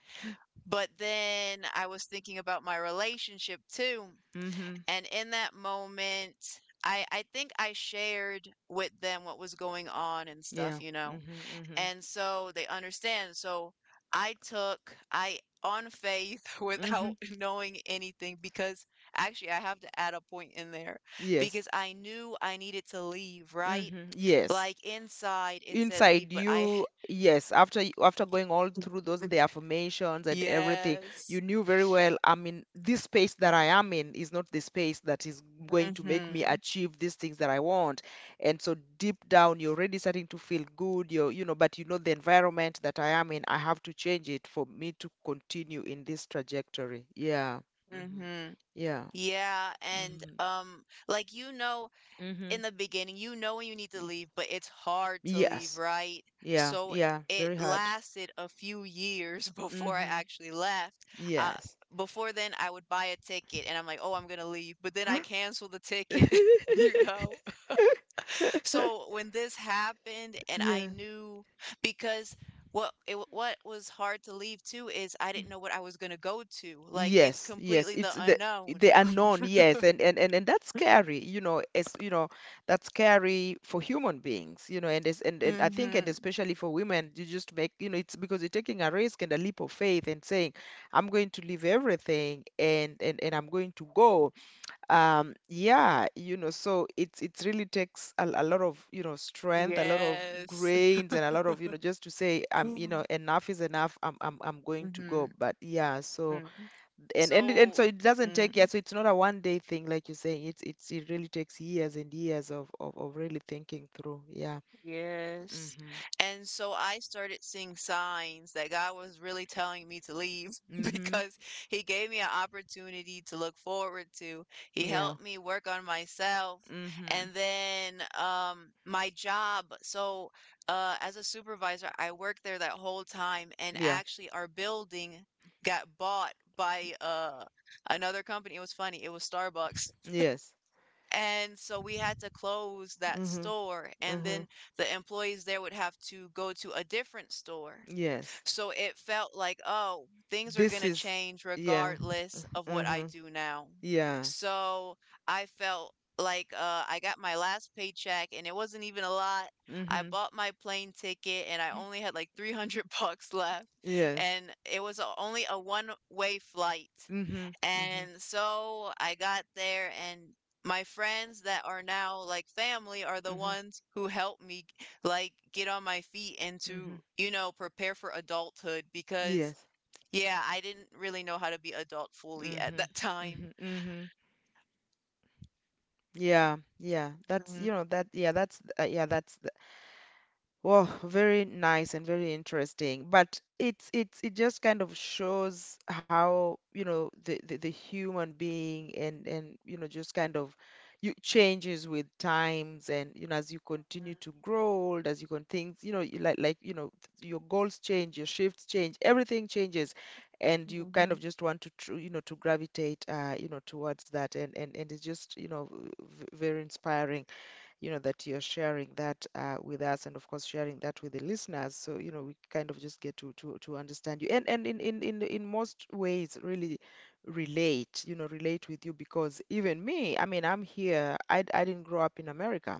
Speaker 1: But then I was thinking about my relationship too,
Speaker 2: Hmm.
Speaker 1: and in that moment, I think I shared with them what was going on and
Speaker 2: Yeah.
Speaker 1: stuff, you
Speaker 2: Hmm.
Speaker 1: know?
Speaker 2: Hmm.
Speaker 1: And so they understand. So I took I on faith <laughs>
Speaker 2: Hmm.
Speaker 1: without knowing anything because actually I have to add a point in there
Speaker 2: Yes.
Speaker 1: because I knew I needed to leave, right?
Speaker 2: Hmm. Yes.
Speaker 1: Like inside it said leave,
Speaker 2: Inside
Speaker 1: but I ha-
Speaker 2: you, yes, after going all through those, the
Speaker 1: <laughs>
Speaker 2: affirmations and everything,
Speaker 1: Yes.
Speaker 2: you knew very well, I mean, this space that I am in is not the space that is going to make me
Speaker 1: Mm-hmm.
Speaker 2: achieve these things that I want, and so deep down you're already starting to feel good, you're, you know, but you know the environment that I am in, I have to change it for me to continue in this trajectory. Yeah. Hmm.
Speaker 1: Mm-hmm.
Speaker 2: Yeah.
Speaker 1: Yeah, and
Speaker 2: Hmm.
Speaker 1: like
Speaker 2: Hmm.
Speaker 1: in the beginning, you know when you need to leave, but it's hard to
Speaker 2: Yes.
Speaker 1: leave, right?
Speaker 2: Yeah,
Speaker 1: So
Speaker 2: yeah, very
Speaker 1: it
Speaker 2: hard.
Speaker 1: lasted a few years <laughs> before I
Speaker 2: Hmm.
Speaker 1: actually left. Uh,
Speaker 2: Yes.
Speaker 1: Before then, I would buy a ticket and I'm like, oh, I'm going to leave. But
Speaker 2: <gasps>
Speaker 1: then I cancel the ticket, <laughs> you know? <laughs> So
Speaker 2: <laughs>
Speaker 1: when this happened, and I
Speaker 2: Yeah.
Speaker 1: knew because what was hard to leave too is I
Speaker 2: Mm.
Speaker 1: didn't know what I was gonna go to. Like it's
Speaker 2: Yes, yes.
Speaker 1: completely the
Speaker 2: It's the
Speaker 1: unknown.
Speaker 2: they are known, yes, and that's
Speaker 1: <laughs>
Speaker 2: scary, you know, as you know, that's scary for human beings, you know, and I think, and
Speaker 1: Mm-hmm.
Speaker 2: especially for women, you just make, you know, it's because you're taking a risk and a leap of faith and saying, I'm going to leave everything, and I'm going to go. Yeah, you know, so it's it really takes a lot of, you know, strength, a lot of
Speaker 1: Yes.
Speaker 2: grains, and a lot of, you know, just to say, you know,
Speaker 1: <laughs>
Speaker 2: enough is enough, I'm going to go.
Speaker 1: Mhm,
Speaker 2: But yeah, so
Speaker 1: mm.
Speaker 2: and
Speaker 1: So
Speaker 2: so it doesn't take, yeah,
Speaker 1: mm,
Speaker 2: so it's not a one day thing like you're saying, it really takes years and years of really thinking through. Yeah.
Speaker 1: yes.
Speaker 2: Mm-hmm.
Speaker 1: And so I started seeing signs that God was really telling me to leave <laughs>
Speaker 2: Mm-hmm.
Speaker 1: because he gave me an opportunity to look forward to. He
Speaker 2: Yeah.
Speaker 1: helped me work on myself
Speaker 2: Mm-hmm.
Speaker 1: and then my job. So as a supervisor, I worked there that whole time and
Speaker 2: Yeah.
Speaker 1: actually our building got bought by another company. It was funny. It was Starbucks.
Speaker 2: Yes.
Speaker 1: And so we had to close that
Speaker 2: Mm-hmm.
Speaker 1: store, and
Speaker 2: Mm-hmm.
Speaker 1: then the employees there would have to go to a different store.
Speaker 2: Yes.
Speaker 1: So it felt like, oh, things are going
Speaker 2: This
Speaker 1: to
Speaker 2: is.
Speaker 1: change
Speaker 2: Yeah.
Speaker 1: regardless of what I
Speaker 2: Mm-hmm.
Speaker 1: do now.
Speaker 2: Yeah.
Speaker 1: So I felt like I got my last paycheck and it wasn't even a lot. I
Speaker 2: Mm-hmm.
Speaker 1: bought my plane ticket and I only had like 300 <laughs> bucks left.
Speaker 2: Yes.
Speaker 1: And it was only a one way flight.
Speaker 2: Mhm. Mhm.
Speaker 1: And so I got there and my friends that are now like family are the
Speaker 2: Mhm.
Speaker 1: ones who helped me like get on my feet and to
Speaker 2: Mhm.
Speaker 1: you know prepare for adulthood because
Speaker 2: Yes.
Speaker 1: yeah, I didn't really know how to be adult fully at
Speaker 2: Mhm.
Speaker 1: that time.
Speaker 2: Mhm. Mhm. Yeah. Yeah. That's,
Speaker 1: Mhm,
Speaker 2: you know, that, yeah, that's, yeah, that's. Well, very nice and very interesting. But it's it just kind of shows how, you know, the human being, and, you know, just kind of, you changes with times, and, you know, as you continue to grow old, as you can things, you know, you like, you know, your goals change, your shifts change, everything changes, and you kind
Speaker 1: mhm,
Speaker 2: of just want to gravitate, towards that, and it's just, very inspiring, you know, that you're sharing that, with us, and of course sharing that with the listeners. So, you know, we kind of just get to, understand you. And in most ways, really relate with you, because even me, I mean, I'm here. I didn't grow up in America.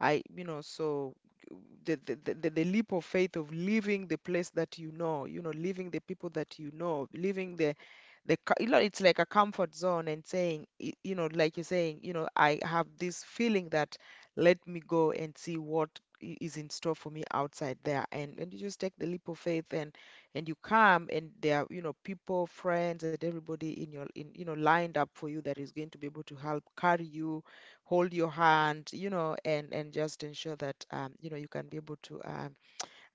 Speaker 2: So the leap of faith of leaving the place that you know, leaving the people that you know, leaving the, co- you know, it's like a comfort zone, and saying, like you're saying, I have this feeling that let me go and see what is in store for me outside there. And you just take the leap of faith, and you come, and there are, people, friends, and everybody in your, in, you know, lined up for you that is going to be able to help carry you, hold your hand, and just ensure that you can be able to um,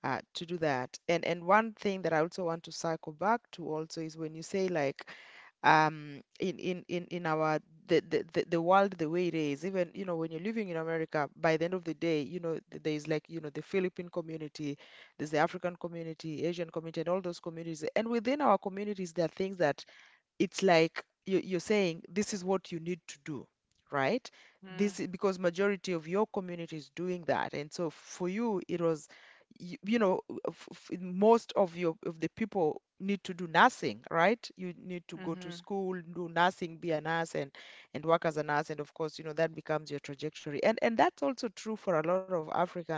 Speaker 2: uh, to do that. And one thing that I also want to cycle back to also is when you say, like, in our the world the way it is, even when you're living in America, by the end of the day, there is, like, the Philippine community, there's the African community, Asian community, and all those communities. And within our communities, there are things that it's like, you're saying, this is what you need to do, right?
Speaker 1: mhm,
Speaker 2: Because majority of your community is doing that, and so for you, it was, you, you know most of your of the people need to do nursing, right? You need to go to
Speaker 1: mhm,
Speaker 2: school, do nursing, be a nurse, and work as a nurse. And of course, you know, that becomes your trajectory. And that's also true for a lot of African,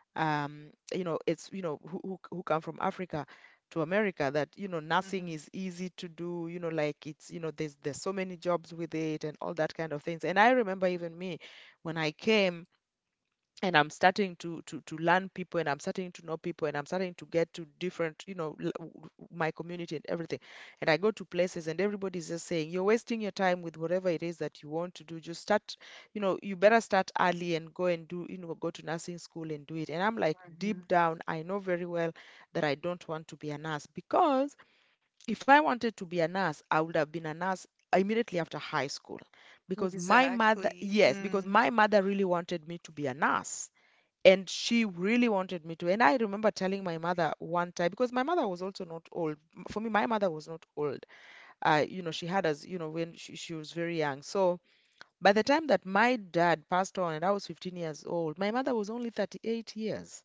Speaker 2: um, who come from Africa to America, that, nursing
Speaker 1: mhm,
Speaker 2: is easy to do, you know, like it's, you know, there's so many jobs with it, and all that kind of things. And I remember, even me, when I came, and I'm starting to learn people, and I'm starting to know people, and I'm starting to get to different you know l- w- w- my community and everything. And I go to places and everybody's just saying, you're wasting your time with whatever it is that you want to do, just start, you better start early, and go and do, go to nursing school and do it. And I'm like,
Speaker 1: mhm,
Speaker 2: deep down I know very well that I don't want to be a nurse. Because if I wanted to be a nurse, I would have been a nurse immediately after high school.
Speaker 1: mhm.
Speaker 2: Because my mother,
Speaker 1: Exactly.
Speaker 2: yes, because my mother really wanted me to be a nurse, and she really wanted me to. And I remember telling my mother one time, because my mother was also not old. For me, my mother was not old. She had us, when she was very young. So by the time that my dad passed on and I was 15 years old, my mother was only 38 years.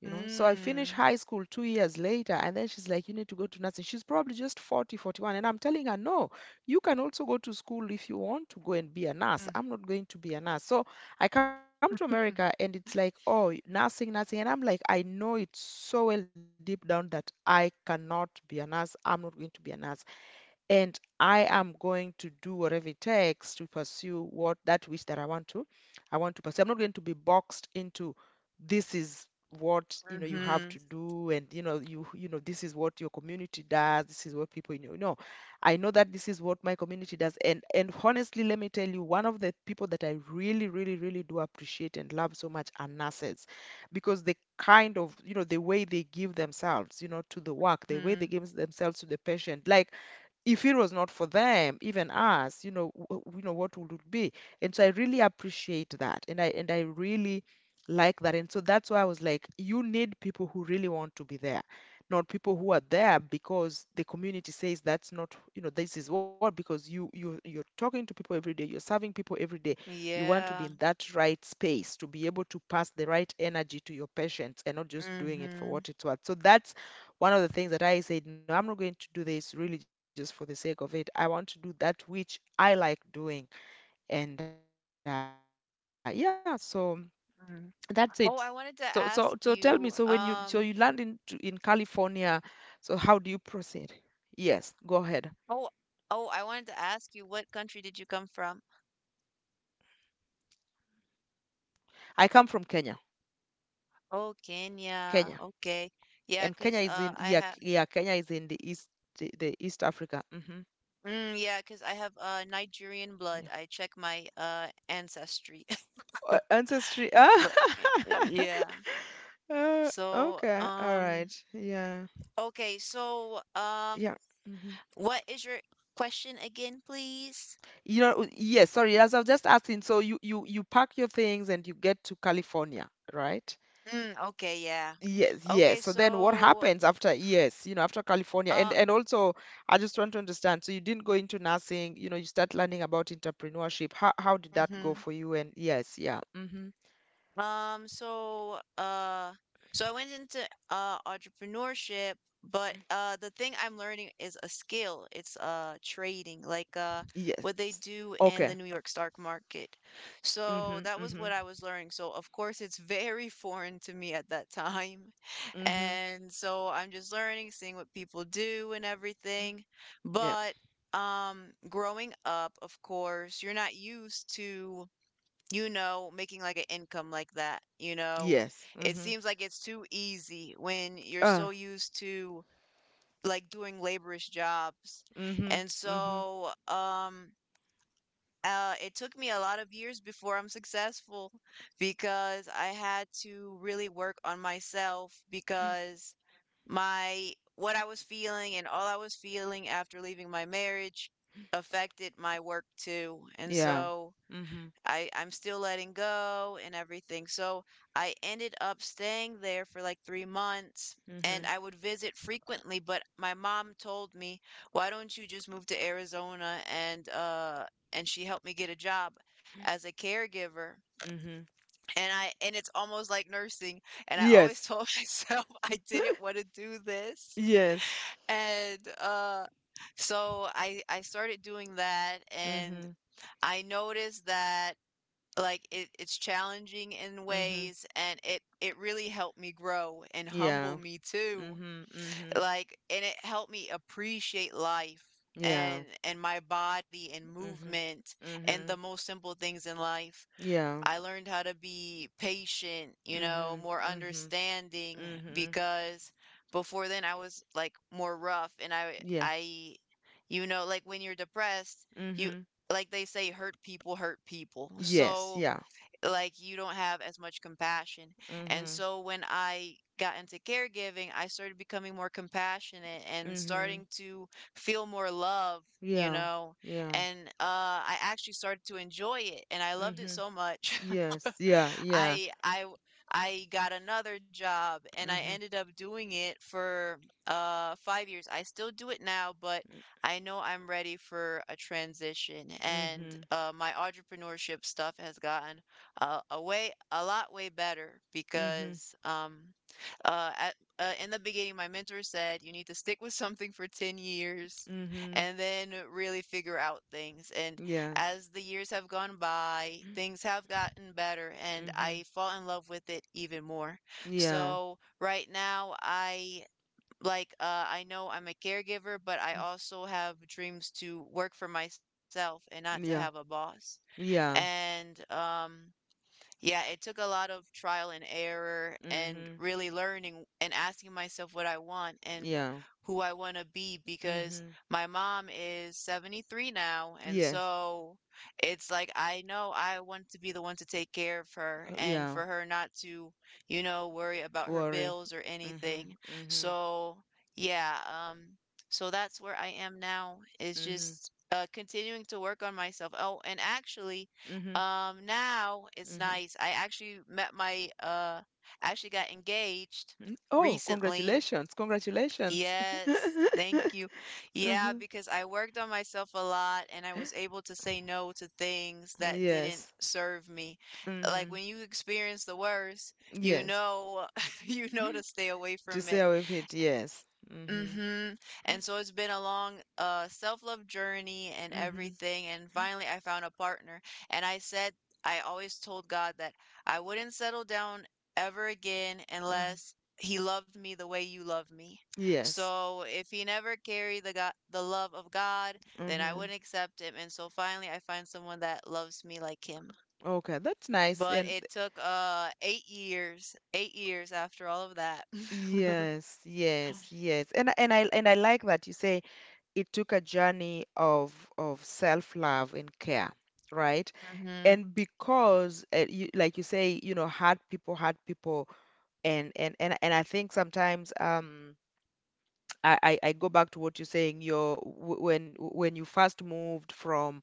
Speaker 2: So I finished
Speaker 1: mm,
Speaker 2: high school 2 years later, and then she's like, you need to go to nursing. She's probably just 40, 41, and I'm telling her, no, you can also go to school if you want to go and be a nurse.
Speaker 1: mm,
Speaker 2: I'm not going to be a nurse. So I come to America
Speaker 1: <laughs>
Speaker 2: and it's like, oh, nursing, nursing. And I'm like, I know it so well deep down that I cannot be a nurse. I'm not going to be a nurse, and I am going to do whatever it takes to pursue what that wish that I want to pursue. I'm not going to be boxed into, this is what you have to
Speaker 1: mhm,
Speaker 2: do, and you know this is what your community does, this is what people, no. I know that this is what my community does, and honestly, let me tell you, one of the people that I really, really, really do appreciate and love so much are nurses. Because the way they give themselves, to the work, the way they
Speaker 1: mhm.
Speaker 2: give themselves to the patient, like, if it was not for them, even us, what would it be? And so I really appreciate that, and I really like that. And so that's why I was like, you need people who really want to be there, not people who are there because the community says. That's not, you know, this is what, because you're talking to people every day, you're serving people every day. You want to
Speaker 1: Yeah.
Speaker 2: be in that right space to be able to pass the right energy to your patients, and not just doing it for
Speaker 1: mm-hmm,
Speaker 2: what it's worth. So that's one of the things that I said, no, I'm not going to do this really just for the sake of it. I want to do that which I like doing. And yeah, so
Speaker 1: mm.
Speaker 2: that's
Speaker 1: Oh, I
Speaker 2: it. So,
Speaker 1: wanted to
Speaker 2: so, so
Speaker 1: ask
Speaker 2: tell me,
Speaker 1: you
Speaker 2: so you land in California, so how do you proceed? Yes, go ahead.
Speaker 1: oh, oh, I wanted to ask you, what country did you come from?
Speaker 2: I come from Kenya.
Speaker 1: Oh, Kenya.
Speaker 2: Kenya.
Speaker 1: Okay. Yeah,
Speaker 2: And Kenya
Speaker 1: 'cause
Speaker 2: is in,
Speaker 1: I
Speaker 2: yeah,
Speaker 1: have
Speaker 2: yeah, Kenya is in the East, the East Africa. Hmm.
Speaker 1: yeah, 'cause I have Nigerian blood.
Speaker 2: Yeah.
Speaker 1: I check my ancestry. <laughs>
Speaker 2: Ancestry. Ah.
Speaker 1: But
Speaker 2: <laughs>
Speaker 1: yeah. So,
Speaker 2: Okay. All right. Yeah.
Speaker 1: okay, so
Speaker 2: Yeah. Hmm.
Speaker 1: what is your question again, please?
Speaker 2: You know, yes, sorry, as I was just asking, so you pack your things and you get to California, right?
Speaker 1: Mm, okay, yeah.
Speaker 2: Yes, yes.
Speaker 1: Okay,
Speaker 2: So then what
Speaker 1: so
Speaker 2: happens after, yes, after California?
Speaker 1: uh
Speaker 2: And also, I just want to understand. So you didn't go into nursing, you start learning about entrepreneurship. How did that go
Speaker 1: mhm.
Speaker 2: for you? And yes, yeah. Mm-hmm.
Speaker 1: So so I went into entrepreneurship, but the thing I'm learning is a skill. It's trading, like
Speaker 2: Yes.
Speaker 1: what they do
Speaker 2: Okay.
Speaker 1: in the New York stock market.
Speaker 2: Mm-hmm.
Speaker 1: So that
Speaker 2: Mm-hmm.
Speaker 1: was what I was learning. So of course it's <laughs> very foreign to me at that time. <laughs>
Speaker 2: Mm-hmm.
Speaker 1: And so I'm just learning, seeing what people do and everything.
Speaker 2: Yeah.
Speaker 1: But growing up, of course, you're not used to you know, making like an income like that, you know?
Speaker 2: Yes.
Speaker 1: It
Speaker 2: Mm-hmm.
Speaker 1: seems like it's too easy when you're
Speaker 2: Uh,
Speaker 1: so used to like doing laborious jobs.
Speaker 2: mm-hmm.
Speaker 1: And
Speaker 2: Mm-hmm.
Speaker 1: so, it took me a lot of years before I'm successful because I had to really work on myself because my what I was feeling and all I was feeling after leaving my marriage affected my work too. And
Speaker 2: Yeah.
Speaker 1: so,
Speaker 2: Mm-hmm.
Speaker 1: I'm still letting go and everything. So I ended up staying there for like 3 months and
Speaker 2: Mm-hmm.
Speaker 1: I would visit frequently, but my mom told me, "Why don't you just move to Arizona and she helped me get a job as a caregiver."
Speaker 2: Mm-hmm.
Speaker 1: And I, and it's almost like nursing, and I always
Speaker 2: Yes.
Speaker 1: told <laughs> myself I didn't want to do this.
Speaker 2: Yes.
Speaker 1: And so I started doing that and
Speaker 2: Mhm.
Speaker 1: I noticed that like, it it's challenging in
Speaker 2: Mhm.
Speaker 1: ways, and it really helped me grow and humble
Speaker 2: Yeah.
Speaker 1: me too.
Speaker 2: Mhm. Mhm.
Speaker 1: Like, and it helped me appreciate life
Speaker 2: Yeah.
Speaker 1: and my body and
Speaker 2: Mhm.
Speaker 1: movement and the
Speaker 2: Mhm.
Speaker 1: most simple things in life.
Speaker 2: Yeah.
Speaker 1: I learned how to be patient, you know,
Speaker 2: Mhm.
Speaker 1: more
Speaker 2: Mhm.
Speaker 1: understanding
Speaker 2: Mhm.
Speaker 1: because before then I was like more rough and
Speaker 2: Yeah.
Speaker 1: I you know, like when you're depressed, you
Speaker 2: Mhm.
Speaker 1: like they say hurt people hurt people. <laughs>
Speaker 2: Yes.
Speaker 1: So
Speaker 2: Yeah.
Speaker 1: like you don't have as much compassion. And
Speaker 2: Mhm.
Speaker 1: so when I got into caregiving, I started becoming more compassionate and
Speaker 2: Mhm.
Speaker 1: starting to feel more love, you
Speaker 2: Yeah.
Speaker 1: know.
Speaker 2: Yeah.
Speaker 1: And I actually started to enjoy it and I loved it
Speaker 2: Mhm.
Speaker 1: so much.
Speaker 2: Yes.
Speaker 1: <laughs>
Speaker 2: Yeah. Yeah.
Speaker 1: I I I got another job and I
Speaker 2: Mhm.
Speaker 1: ended up doing it for 5 years. I still do it now, but I know I'm ready for a transition and
Speaker 2: Mhm.
Speaker 1: my entrepreneurship stuff has gotten a way a lot way better
Speaker 2: Mhm.
Speaker 1: because in the beginning my mentor said you need to stick with something for 10 years
Speaker 2: Mhm.
Speaker 1: and then really figure out things, and
Speaker 2: Yeah.
Speaker 1: as the years have gone by things have gotten better and I
Speaker 2: Mhm.
Speaker 1: fall in love with it even more.
Speaker 2: Yeah.
Speaker 1: So right now I like I know I'm a caregiver but I
Speaker 2: Mm.
Speaker 1: also have dreams to work for myself and not to have a
Speaker 2: Yeah.
Speaker 1: boss.
Speaker 2: Yeah.
Speaker 1: And yeah, it took a lot of trial and error and
Speaker 2: Mhm.
Speaker 1: really learning and asking myself what I want and
Speaker 2: Yeah.
Speaker 1: who I want to be because
Speaker 2: Mhm.
Speaker 1: my mom is 73 now. And
Speaker 2: Yes.
Speaker 1: so it's like I know I want to be the one to take care of her and
Speaker 2: Yeah.
Speaker 1: for her not to, you know, worry about her
Speaker 2: Worry.
Speaker 1: bills or
Speaker 2: Mhm.
Speaker 1: anything.
Speaker 2: Mhm.
Speaker 1: So, yeah, so that's where I am now, is
Speaker 2: Mhm.
Speaker 1: just continuing to work on myself. Oh, and actually,
Speaker 2: Mhm.
Speaker 1: now it's
Speaker 2: Mhm.
Speaker 1: nice. I actually met my actually got engaged
Speaker 2: Mm. Oh,
Speaker 1: recently.
Speaker 2: congratulations. Congratulations.
Speaker 1: Yes.
Speaker 2: <laughs>
Speaker 1: Thank you. Yeah,
Speaker 2: Mhm.
Speaker 1: because I worked on myself a lot and I was able to say no to things that didn't
Speaker 2: Yes.
Speaker 1: serve me. Like
Speaker 2: Mhm.
Speaker 1: when you experience the worst, you
Speaker 2: Yes.
Speaker 1: know <laughs> you know to stay away
Speaker 2: <gasps> To
Speaker 1: from
Speaker 2: say
Speaker 1: it.
Speaker 2: how it, is, yes. Mhm.
Speaker 1: Mhm. And so it's been a long self-love journey and
Speaker 2: Mhm.
Speaker 1: everything, and finally I found a partner and I said I always told God that I wouldn't settle down ever again
Speaker 2: Mhm.
Speaker 1: unless he loved me the way you love me.
Speaker 2: Yes.
Speaker 1: So if he never carried the God, the love of God, then I
Speaker 2: Mhm.
Speaker 1: wouldn't accept him. And so finally I find someone that loves me like him.
Speaker 2: Okay, that's nice.
Speaker 1: But
Speaker 2: And
Speaker 1: it took 8 years, 8 years after all of that. <laughs>
Speaker 2: yes, yes, yes. And I like that you say it took a journey of self-love and care, right?
Speaker 1: Mhm.
Speaker 2: And because, like you say, you know, hard people, hard people. And I think, sometimes, I go back to what you're saying. You Your when you first moved from,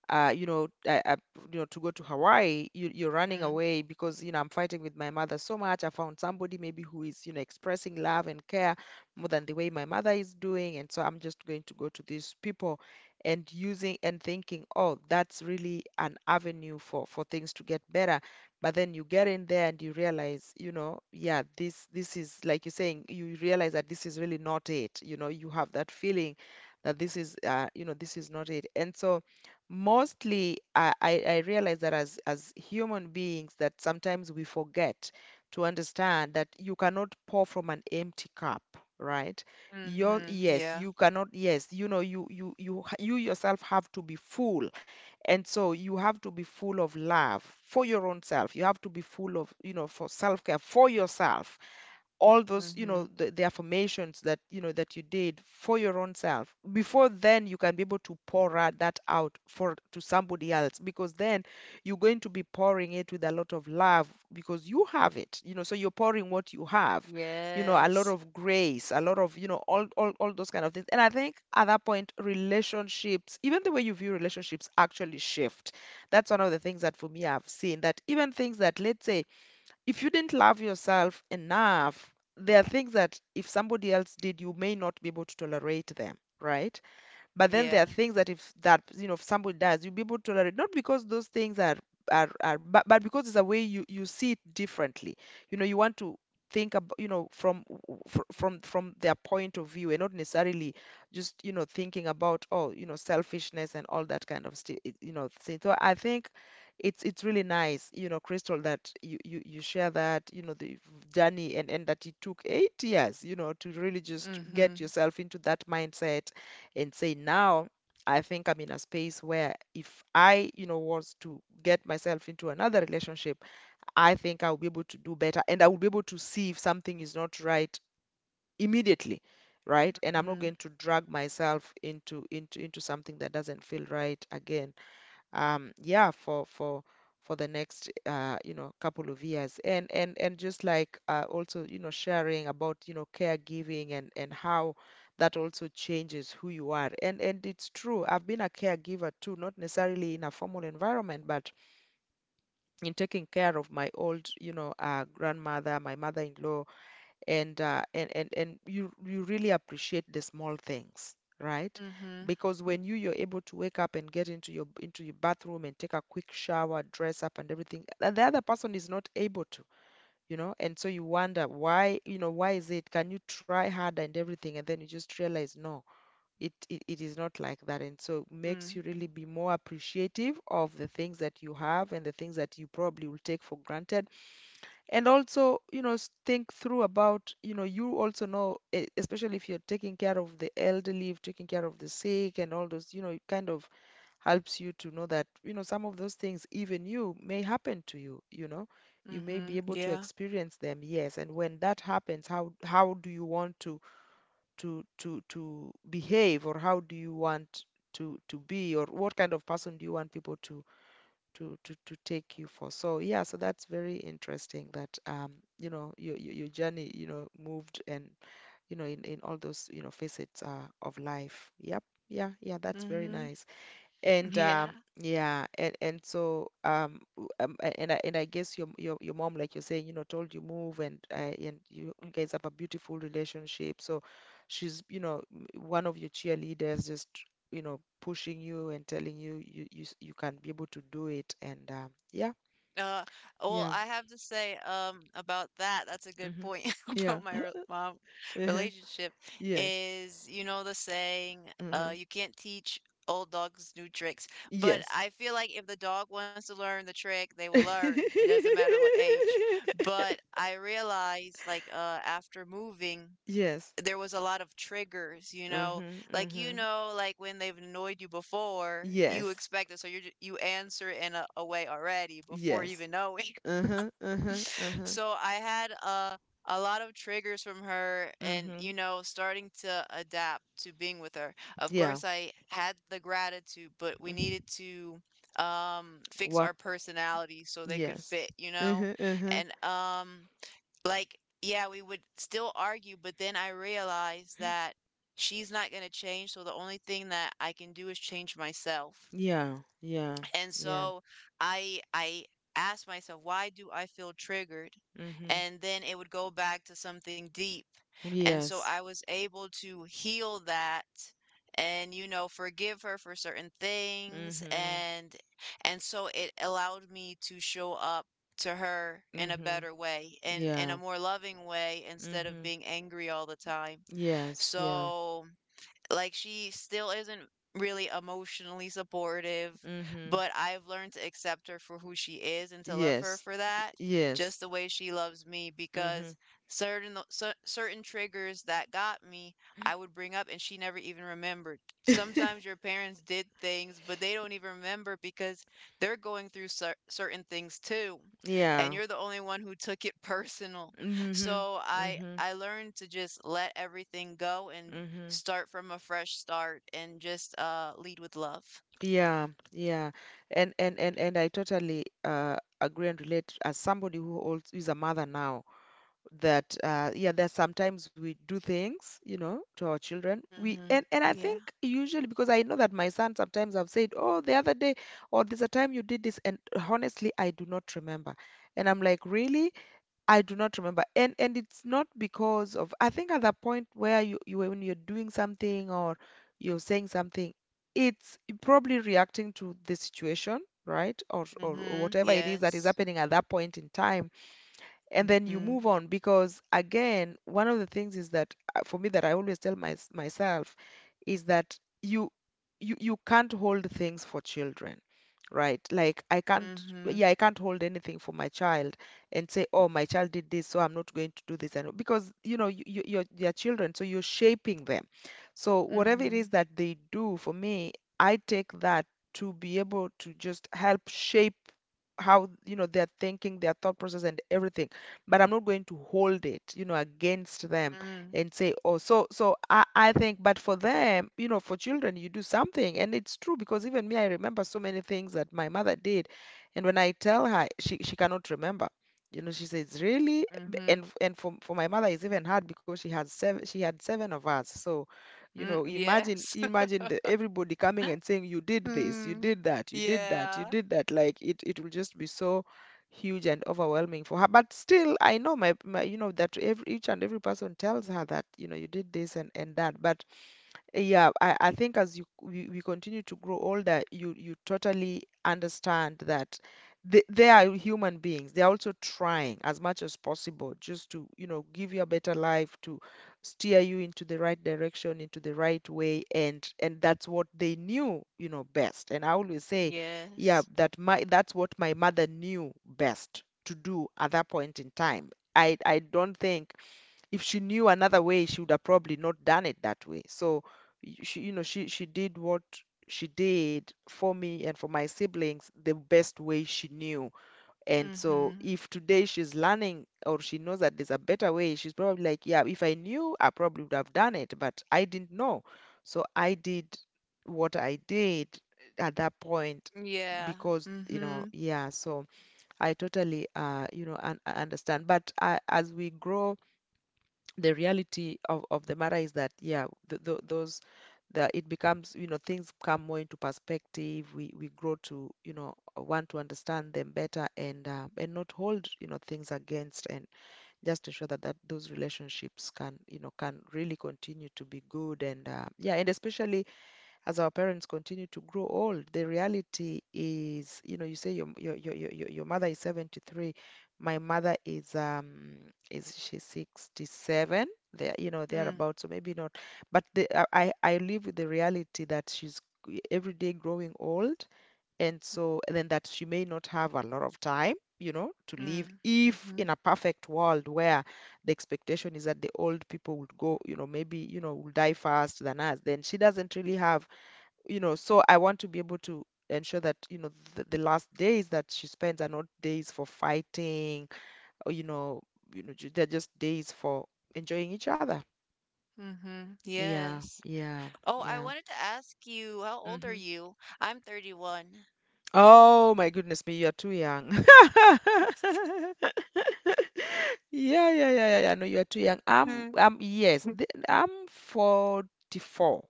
Speaker 2: uh, you know, I, I, to go to Hawaii, you're running
Speaker 1: Mm.
Speaker 2: away because I'm fighting with my mother so much. I found somebody, maybe, who is expressing love and care more than the way my mother is doing. And so I'm just going to go to these people, and using and thinking, oh, that's really an avenue for things to get better. But then you get in there and you realize, yeah, this is like you're saying. You realize that this is really not it. You know, you have that feeling that this is not it. And so, mostly, I realize that, as human beings, that sometimes we forget to understand that you cannot pour from an empty cup, right? your
Speaker 1: Mhm.
Speaker 2: Yes,
Speaker 1: Yeah.
Speaker 2: you cannot. Yes, you yourself have to be full. And so you have to be full of love for your own self. You have to be full of, for self-care, for yourself. All those,
Speaker 1: Mhm.
Speaker 2: the, affirmations that you know that you did for your own self before, then you can be able to pour out that out for to somebody else. Because then you're going to be pouring it with a lot of love, because you have it. So you're pouring what you have, a lot
Speaker 1: Yes.
Speaker 2: of grace, a lot of, all those kind of things. And I think, at that point, relationships, even the way you view relationships, actually shift. That's one of the things that, for me, I've seen: that even things that, let's say, if you didn't love yourself enough, there are things that, if somebody else did, you may not be able to tolerate them, right? But then there
Speaker 1: Yeah.
Speaker 2: are things that if somebody does, you'll be able to tolerate, not because those things are are, but because it's a way you see it differently. You know, you want to think about you know from fr- from their point of view and not necessarily just thinking about, oh, selfishness and all that kind of stuff, thing. So I think it's really nice, Crystal, that you share that, the journey, and that it took 8 years, to really just get
Speaker 1: Mhm.
Speaker 2: yourself into that mindset and say, now I think I'm in a space where if I, was to get myself into another relationship, I think I'll be able to do better and I will be able to see if something is not right immediately, right? And I'm not
Speaker 1: Mhm.
Speaker 2: going to drag myself into something that doesn't feel right again, yeah, for the next, couple of years, and just like, also sharing about caregiving, and how that also changes who you are. And it's true, I've been a caregiver too, not necessarily in a formal environment, but in taking care of my old, grandmother, my mother-in-law. And you really appreciate the small things, right?
Speaker 1: Mhm.
Speaker 2: Because when you're able to wake up and get into your bathroom and take a quick shower, dress up and everything, and the other person is not able to, and so you wonder why, why is it? Can you try harder and everything? And then you just realize, no, it is not like that, and so it makes you
Speaker 1: Mm.
Speaker 2: really be more appreciative of the things that you have and the things that you probably will take for granted. And also, think through about, you also know, especially if you're taking care of the elderly, if taking care of the sick and all those, it kind of helps you to know that, some of those things even, you may happen to you you know You may be
Speaker 1: Mhm.
Speaker 2: able to
Speaker 1: Yeah.
Speaker 2: experience them, yes. And when that happens, how do you want to behave or how do you want to be, or what kind of person do you want people to take you for. So yeah, so that's very interesting that, your journey, moved and, in all those, facets, of life. Yep. Yeah, yeah, that's very
Speaker 1: Mhm.
Speaker 2: nice.
Speaker 1: <laughs>
Speaker 2: And,
Speaker 1: Yeah.
Speaker 2: yeah, and so w- a- and I guess your mom, like you're saying, told you move, and you guys have a beautiful relationship. So she's, one of your cheerleaders, just pushing you and telling you you can be able to do it. And, yeah,
Speaker 1: Uh, well,
Speaker 2: yeah,
Speaker 1: I have to say, about that, that's a good
Speaker 2: mm-hmm,
Speaker 1: point <laughs>
Speaker 2: yeah,
Speaker 1: about my re mom
Speaker 2: uh-huh,
Speaker 1: relationship
Speaker 2: yes,
Speaker 1: is, you know, the saying,
Speaker 2: mm-hmm,
Speaker 1: you can't teach old dogs new tricks. But
Speaker 2: yes,
Speaker 1: I feel like if the dog wants to learn the trick, they will learn. It
Speaker 2: <laughs>
Speaker 1: doesn't matter what age. But I realized, like, after moving,
Speaker 2: yes,
Speaker 1: there was a lot of triggers, you know?
Speaker 2: mm-hmm,
Speaker 1: Like,
Speaker 2: mm-hmm,
Speaker 1: you know, like when they've annoyed you before, you
Speaker 2: yes,
Speaker 1: expect it. So you answer in a way already before
Speaker 2: yes.
Speaker 1: even knowing.
Speaker 2: Uh-huh, uh-huh,
Speaker 1: <laughs>
Speaker 2: uh-huh.
Speaker 1: So I had a lot of triggers from her and,
Speaker 2: Mm-hmm.
Speaker 1: you know, starting to adapt to being with her. Of
Speaker 2: Yeah.
Speaker 1: course, I had the gratitude, but we needed
Speaker 2: hmm
Speaker 1: to fix our
Speaker 2: Work.
Speaker 1: personality so they could
Speaker 2: Yes.
Speaker 1: fit, you know?
Speaker 2: Uh-huh, uh-huh.
Speaker 1: And, like, yeah, we would still argue, but then I realized that she's not going to change, so the only thing that I can do is change myself.
Speaker 2: Yeah, yeah,
Speaker 1: And
Speaker 2: yeah.
Speaker 1: so I asked myself, why do I feel triggered?
Speaker 2: Mm-hmm.
Speaker 1: And then it would go back to something deep. And so
Speaker 2: Yes.
Speaker 1: I was able to heal that, and you know forgive her for certain things,
Speaker 2: Mm-hmm.
Speaker 1: and so it allowed me to show up to her in a
Speaker 2: Mm-hmm.
Speaker 1: better way and in a
Speaker 2: Yeah.
Speaker 1: more loving way instead of
Speaker 2: Mm-hmm.
Speaker 1: being angry all the time.
Speaker 2: Yes, yeah.
Speaker 1: So like she still isn't really emotionally supportive,
Speaker 2: Mm-hmm.
Speaker 1: but I've learned to accept her for who she is and to love her
Speaker 2: Yes.
Speaker 1: for that,
Speaker 2: Yes.
Speaker 1: just the way she loves me,
Speaker 2: Mm-hmm.
Speaker 1: because certain triggers that got me, I would bring up and she never even remembered. Sometimes
Speaker 2: <laughs>
Speaker 1: your parents did things, but they don't even remember because they're going through certain things too, and
Speaker 2: Yeah.
Speaker 1: you're the only one who took it <laughs> personal.
Speaker 2: Mm-hmm.
Speaker 1: So I
Speaker 2: Mm-hmm.
Speaker 1: I learned to just let everything go and
Speaker 2: Mm-hmm.
Speaker 1: start from a fresh start and just lead with love.
Speaker 2: Yeah, yeah. And I totally agree and relate as somebody who also is a mother now. That, yeah, there's sometimes we do things, to our children, we
Speaker 1: Mm-hmm.
Speaker 2: and I
Speaker 1: Yeah.
Speaker 2: think usually, because I know that my son, sometimes I've said, oh, the other day or there's a time you did this, and honestly, I do not remember, and I'm like, really, I do not remember. And it's not because of, I think at the point where you when you're doing something or you're saying something, it's probably reacting to the situation, right, or
Speaker 1: Mm-hmm.
Speaker 2: whatever it is that is
Speaker 1: Yes.
Speaker 2: happening at that point in time. And then you
Speaker 1: Mm-hmm.
Speaker 2: move on, because again, one of the things is that, for me, that I always tell myself, is that you can't hold things for children, right, like I can't,
Speaker 1: Mm-hmm.
Speaker 2: yeah, I can't hold anything for my child, and say, oh, my child did this, so I'm not going to do this. And because you're children, so you're shaping them, so whatever it
Speaker 1: Mm-hmm.
Speaker 2: is that they do, for me, I take that to be able to just help shape how, they're thinking, their thought process, and everything. But I'm not going to hold it, against them,
Speaker 1: Mm-hmm.
Speaker 2: and say, oh, so, I think. But for them, for children, you do something. And it's true, because even me, I remember so many things that my mother did. And when I tell her, she cannot remember. You know, she says, really? B-
Speaker 1: Mm-hmm.
Speaker 2: And and for for my mother, it's even hard, because she had seven of us. So,
Speaker 1: Mm,
Speaker 2: imagine
Speaker 1: yes. <laughs>
Speaker 2: imagine everybody coming and saying, you did this, you
Speaker 1: Mm.
Speaker 2: did that, you did that, you
Speaker 1: Yeah.
Speaker 2: did that. Like, it will just be so huge and overwhelming for her. But still, I know, that each and every person tells her that, you did this and that. But yeah, I think as we continue to grow older, you totally understand that they are human beings. They are also trying as much as possible, just to, give you a better life, to steer you into the right direction, into the right way, and that's what they knew, best. And I always say, yeah,
Speaker 1: Yes.
Speaker 2: that my that's what my mother knew best to do at that point in time. I don't think if she knew another way, she would have probably not done it that way. So, she did what she did for me and for my siblings the best way she knew. And so
Speaker 1: Mm-hmm.
Speaker 2: if today she's learning or she knows that there's a better way, she's probably like, yeah, if I knew, I probably would have done it, but I didn't know. So I did what I did at that point,
Speaker 1: Yeah.
Speaker 2: because,
Speaker 1: Mm-hmm.
Speaker 2: yeah. So I totally, understand, but I, as we grow, the reality of the matter is that, yeah, th th those the it becomes, things come more into perspective. We grow to, want to understand them better, and not hold, things against, and just ensure that those relationships can, can really continue to be good. And especially, as our parents continue to grow old, the reality is, you say your mother is 73, my mother is, is she 67? There,
Speaker 1: Mm.
Speaker 2: thereabout. So maybe not, but I live with the reality that she's every day growing old, and then that she may not have a lot of time. You know, to live,
Speaker 1: Mm.
Speaker 2: if
Speaker 1: Mm-hmm.
Speaker 2: in a perfect world where the expectation is that the old people would go, maybe, will die fast than us, then she doesn't really have, so I want to be able to ensure that, the last days that she spends are not days for fighting or, they're just days for enjoying each other.
Speaker 1: Mm-hmm.
Speaker 2: Yeah,
Speaker 1: Yes.
Speaker 2: yeah,
Speaker 1: Oh, I
Speaker 2: yeah.
Speaker 1: wanted to ask you, how old are
Speaker 2: hmm
Speaker 1: you? I'm 31.
Speaker 2: Oh, my goodness me, you are too young. <laughs> Yeah, yeah, yeah, yeah, yeah. No, you are too young.
Speaker 1: Mm.
Speaker 2: Yes, I'm 44.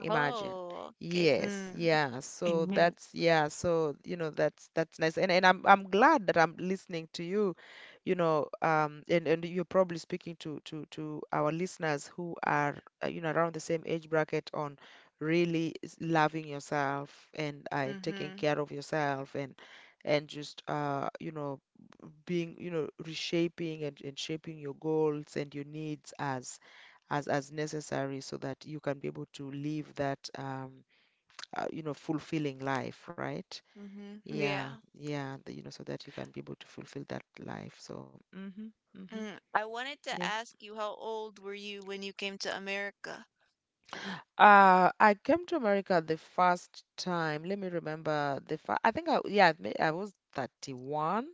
Speaker 2: Imagine.
Speaker 1: Oh, okay.
Speaker 2: Yes, yeah. So
Speaker 1: Mm. <laughs>
Speaker 2: that's yeah, so you know that's that's nice. And I'm glad that I'm listening to you, you know, and you're probably speaking to our listeners who are, around the same age bracket, on really loving yourself, and taking
Speaker 1: Mhm.
Speaker 2: care of yourself, and just being, reshaping, and shaping your goals and your needs as necessary, so that you can be able to live that, fulfilling life, right?
Speaker 1: Mhm.
Speaker 2: Yeah,
Speaker 1: Yeah.
Speaker 2: yeah, so that you can be able to fulfill that life. So, mhm, mhm,
Speaker 1: Mm. I wanted
Speaker 2: yeah.
Speaker 1: to ask you, how old were you when you came to America?
Speaker 2: I came to America the first time. Let me remember the first. I think, I was 31,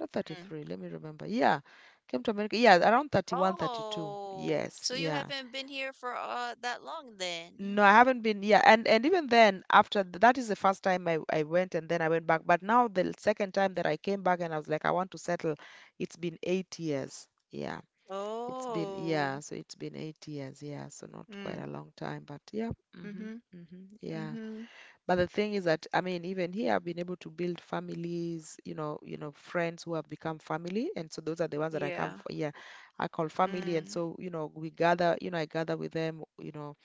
Speaker 2: not
Speaker 1: Mm.
Speaker 2: 33. Let me remember. Yeah, came to America. Yeah, around 31, 32.
Speaker 1: Oh,
Speaker 2: Yes,
Speaker 1: so you
Speaker 2: yeah.
Speaker 1: haven't been here for that long then.
Speaker 2: No, I haven't been. Yeah, and even then, after that is the first time I went, and then I went back. But now the second time that I came back, and I was like, I want to settle. It's been eight years. Yeah, it's been
Speaker 1: Oh.
Speaker 2: yeah. So it's been eight years. Yeah, so not quite a
Speaker 1: Mm.
Speaker 2: long time, but yeah. Mm-hmm,
Speaker 1: Mhm.
Speaker 2: mm-hmm, yeah.
Speaker 1: Mhm.
Speaker 2: But the thing is that I mean, even here, I've been able to build families. Friends who have become family, and so those are the ones that I come
Speaker 1: Yeah.
Speaker 2: for. Yeah, I call family, and
Speaker 1: Mm.
Speaker 2: so we gather. You know, I gather with them.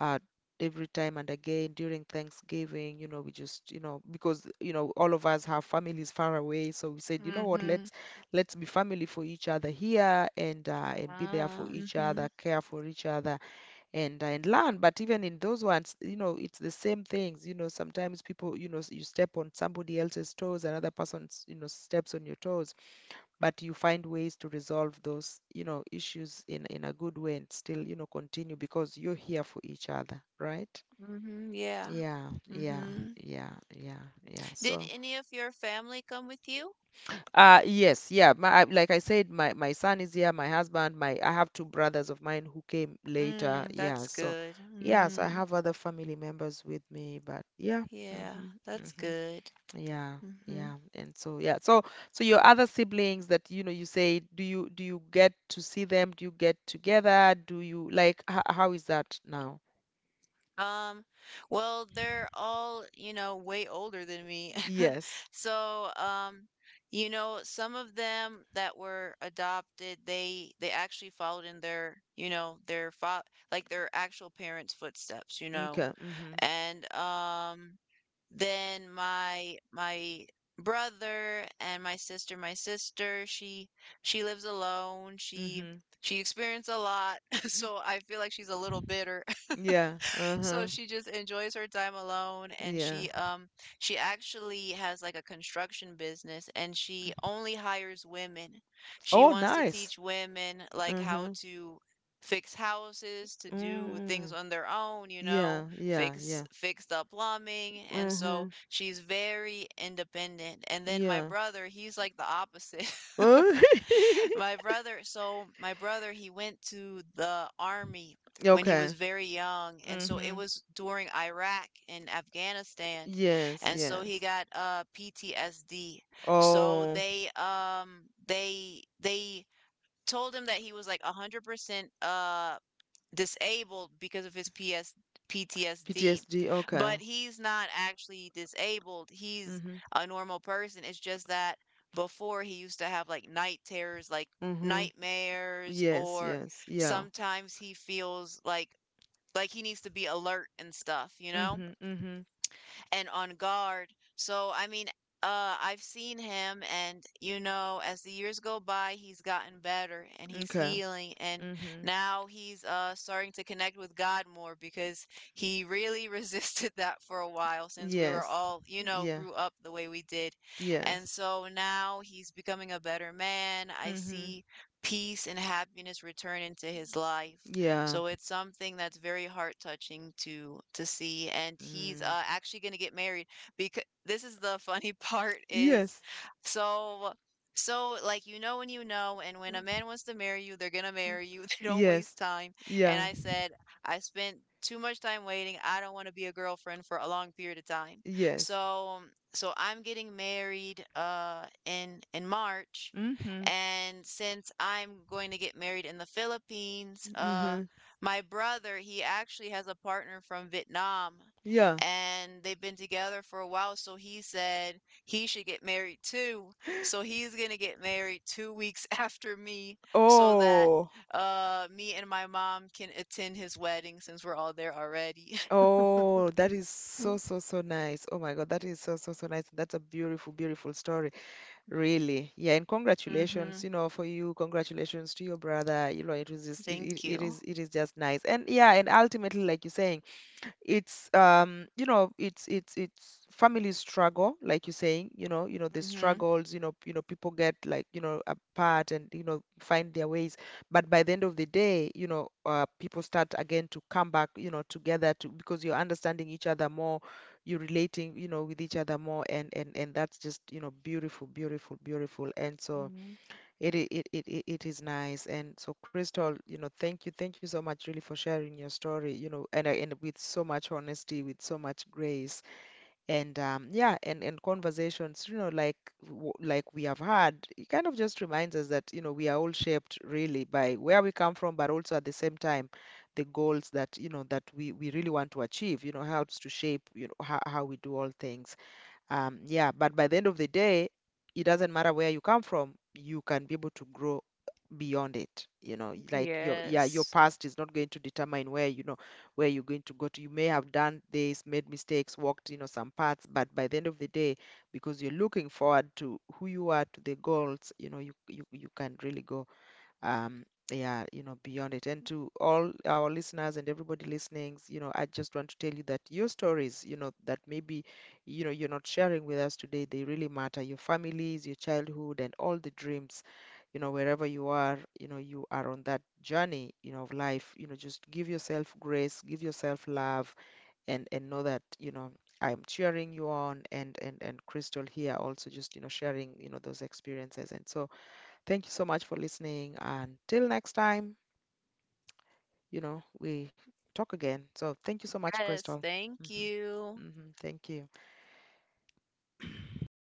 Speaker 2: uh, every time and again during Thanksgiving, we just, because, all of us have families far away, so we said, you know what,
Speaker 1: Mhm.
Speaker 2: let's be family for each other here and be there for
Speaker 1: Ah,
Speaker 2: each
Speaker 1: mhm.
Speaker 2: other, care for each other, and learn. But even in those ones, it's the same things. You know, sometimes people, you step on somebody else's toes, another person's, steps on your toes, but you find ways to resolve those, issues in a good way and still, continue because you're here for each other, right?
Speaker 1: Mhm. Yeah.
Speaker 2: Yeah, yeah,
Speaker 1: Mhm.
Speaker 2: yeah, yeah, yeah.
Speaker 1: Did
Speaker 2: So,
Speaker 1: any of your family come with you?
Speaker 2: yes, yeah. My, I, like I said, my son is here. My husband, my I have two brothers of mine who came later.
Speaker 1: Mm,
Speaker 2: Yeah,
Speaker 1: that's
Speaker 2: so
Speaker 1: good.
Speaker 2: yeah, so I
Speaker 1: Mm.
Speaker 2: have other family members with me, but yeah.
Speaker 1: Yeah,
Speaker 2: Mm-hmm,
Speaker 1: that's
Speaker 2: mm-hmm.
Speaker 1: good.
Speaker 2: Yeah,
Speaker 1: Mhm.
Speaker 2: yeah. And so yeah. So so your other siblings that you say do you get to see them? Do you get together? Do you like h how is that now?
Speaker 1: Um, well, they're all, you know, way older than me. <laughs>
Speaker 2: Yes.
Speaker 1: So, you know, some of them that were adopted, they actually followed in their, you know, their fa like their actual parents' footsteps, you know.
Speaker 2: Okay. Mm-hmm.
Speaker 1: And then my brother and my sister, she lives alone. She
Speaker 2: Mm-hmm.
Speaker 1: she experienced a lot, <laughs> so I feel like she's a little bitter. <laughs>
Speaker 2: Yeah.
Speaker 1: So
Speaker 2: Uh-huh.
Speaker 1: she just enjoys her time alone, and
Speaker 2: Yeah.
Speaker 1: she actually has like a construction business, and she only hires women. She
Speaker 2: Oh,
Speaker 1: wants to
Speaker 2: nice.
Speaker 1: teach women like how
Speaker 2: Uh-huh.
Speaker 1: to fix houses, to do things
Speaker 2: Mm.
Speaker 1: on their own, you know,
Speaker 2: Yeah, yeah,
Speaker 1: fix
Speaker 2: yeah.
Speaker 1: fixed up plumbing. And
Speaker 2: Mm-hmm.
Speaker 1: so she's very independent. And then my
Speaker 2: Yeah.
Speaker 1: brother, he's like the opposite.
Speaker 2: Uh,
Speaker 1: <laughs> my brother so my brother he went to the army
Speaker 2: <laughs>
Speaker 1: when he was
Speaker 2: Okay.
Speaker 1: very young, and so it
Speaker 2: Mm-hmm.
Speaker 1: was during Iraq and Afghanistan,
Speaker 2: Yes,
Speaker 1: and so he
Speaker 2: yes.
Speaker 1: got PTSD. So
Speaker 2: Oh,
Speaker 1: they told him that he was like 100% disabled because of his PS PTSD.
Speaker 2: PTSD. Okay.
Speaker 1: But he's not actually disabled. He's
Speaker 2: Mm-hmm.
Speaker 1: a normal person. It's just that before he used to have like night terrors, like
Speaker 2: Mm-hmm.
Speaker 1: nightmares,
Speaker 2: Yes,
Speaker 1: or
Speaker 2: yes, yeah.
Speaker 1: sometimes he feels like he needs to be alert and stuff, you know?
Speaker 2: Mm-hmm, mm-hmm.
Speaker 1: And on guard. So, I mean, I've seen him, and you know, as the years go by, he's gotten better and he's
Speaker 2: Okay.
Speaker 1: healing, and
Speaker 2: Mm-hmm.
Speaker 1: now he's starting to connect with God more, because he really <laughs> resisted that for a while, since we were
Speaker 2: Yes.
Speaker 1: all, you know,
Speaker 2: Yeah.
Speaker 1: grew up the way we did.
Speaker 2: Yes.
Speaker 1: And so now he's becoming a better man. I
Speaker 2: Mm-hmm.
Speaker 1: see peace and happiness return into his life.
Speaker 2: Yeah.
Speaker 1: So it's something that's very heart touching to see. And he's
Speaker 2: Mm.
Speaker 1: actually going to get married, because this is the funny <laughs> part is,
Speaker 2: Yes.
Speaker 1: so so like, you know, when you know, and when a man wants to marry you, they're going to marry you. <laughs> They don't waste
Speaker 2: Yes.
Speaker 1: time. And
Speaker 2: Yeah.
Speaker 1: I said, I spent too much time waiting. I don't want to be a girlfriend for a long period of time.
Speaker 2: Yes.
Speaker 1: So so I'm getting married in March.
Speaker 2: Mm-hmm.
Speaker 1: And since I'm going to get married in the Philippines,
Speaker 2: Mm-hmm.
Speaker 1: my brother, he actually has a partner from Vietnam,
Speaker 2: Yeah.
Speaker 1: and they've been together for a while, so he said he should get married too. So he's gonna get married 2 weeks <laughs> after me, so that
Speaker 2: Oh.
Speaker 1: me and my mom can attend his wedding, since we're all there already. <laughs>
Speaker 2: Oh, that is so, so, so nice. Oh my God, that is so, so, so nice. That's a beautiful, beautiful story. Really, yeah, and congratulations,
Speaker 1: Mm-hmm.
Speaker 2: for you. Congratulations to your brother. You know, it was just
Speaker 1: Thank you.
Speaker 2: it is just nice. And yeah, and ultimately, like you're saying, it's it's families struggle like you're saying you know the struggles you know people get like apart and find their ways, but by the end of the day people start again to come back together to because you're understanding each other more. You're relating with each other more, and that's just beautiful, beautiful, beautiful. And so
Speaker 1: Mm-hmm.
Speaker 2: it is nice. And so Crystal, thank you. Thank you so much, really, for sharing your story, and with so much honesty, with so much grace. And yeah, and conversations, like like we have had, it kind of just reminds us that, we are all shaped really by where we come from, but also at the same time the goals that, that we really want to achieve, helps to shape, how we do all things. Yeah, but by the end of the day, it doesn't matter where you come from, you can be able to grow beyond it. You know, like your yeah, your
Speaker 1: Yes.
Speaker 2: past is not going to determine where, where you're going to go to. You may have done this, made mistakes, walked, some paths, but by the end of the day, because you're looking forward to who you are, to the goals, you can really go yeah beyond it. And to all our listeners and everybody listening, I just want to tell you that your stories, that maybe you're not sharing with us today, they really matter. Your families, your childhood, and all the dreams, wherever you are, you are on that journey, of life. Just give yourself grace, give yourself love, and know that I'm cheering you on, and Crystal here also just sharing, those experiences. And so thank you so much for listening. And till next time, we talk again. So thank you so much,
Speaker 1: Yes,
Speaker 2: Crystal.
Speaker 1: thank
Speaker 2: Hmm.
Speaker 1: you.
Speaker 2: Hmm. Thank you. <clears throat>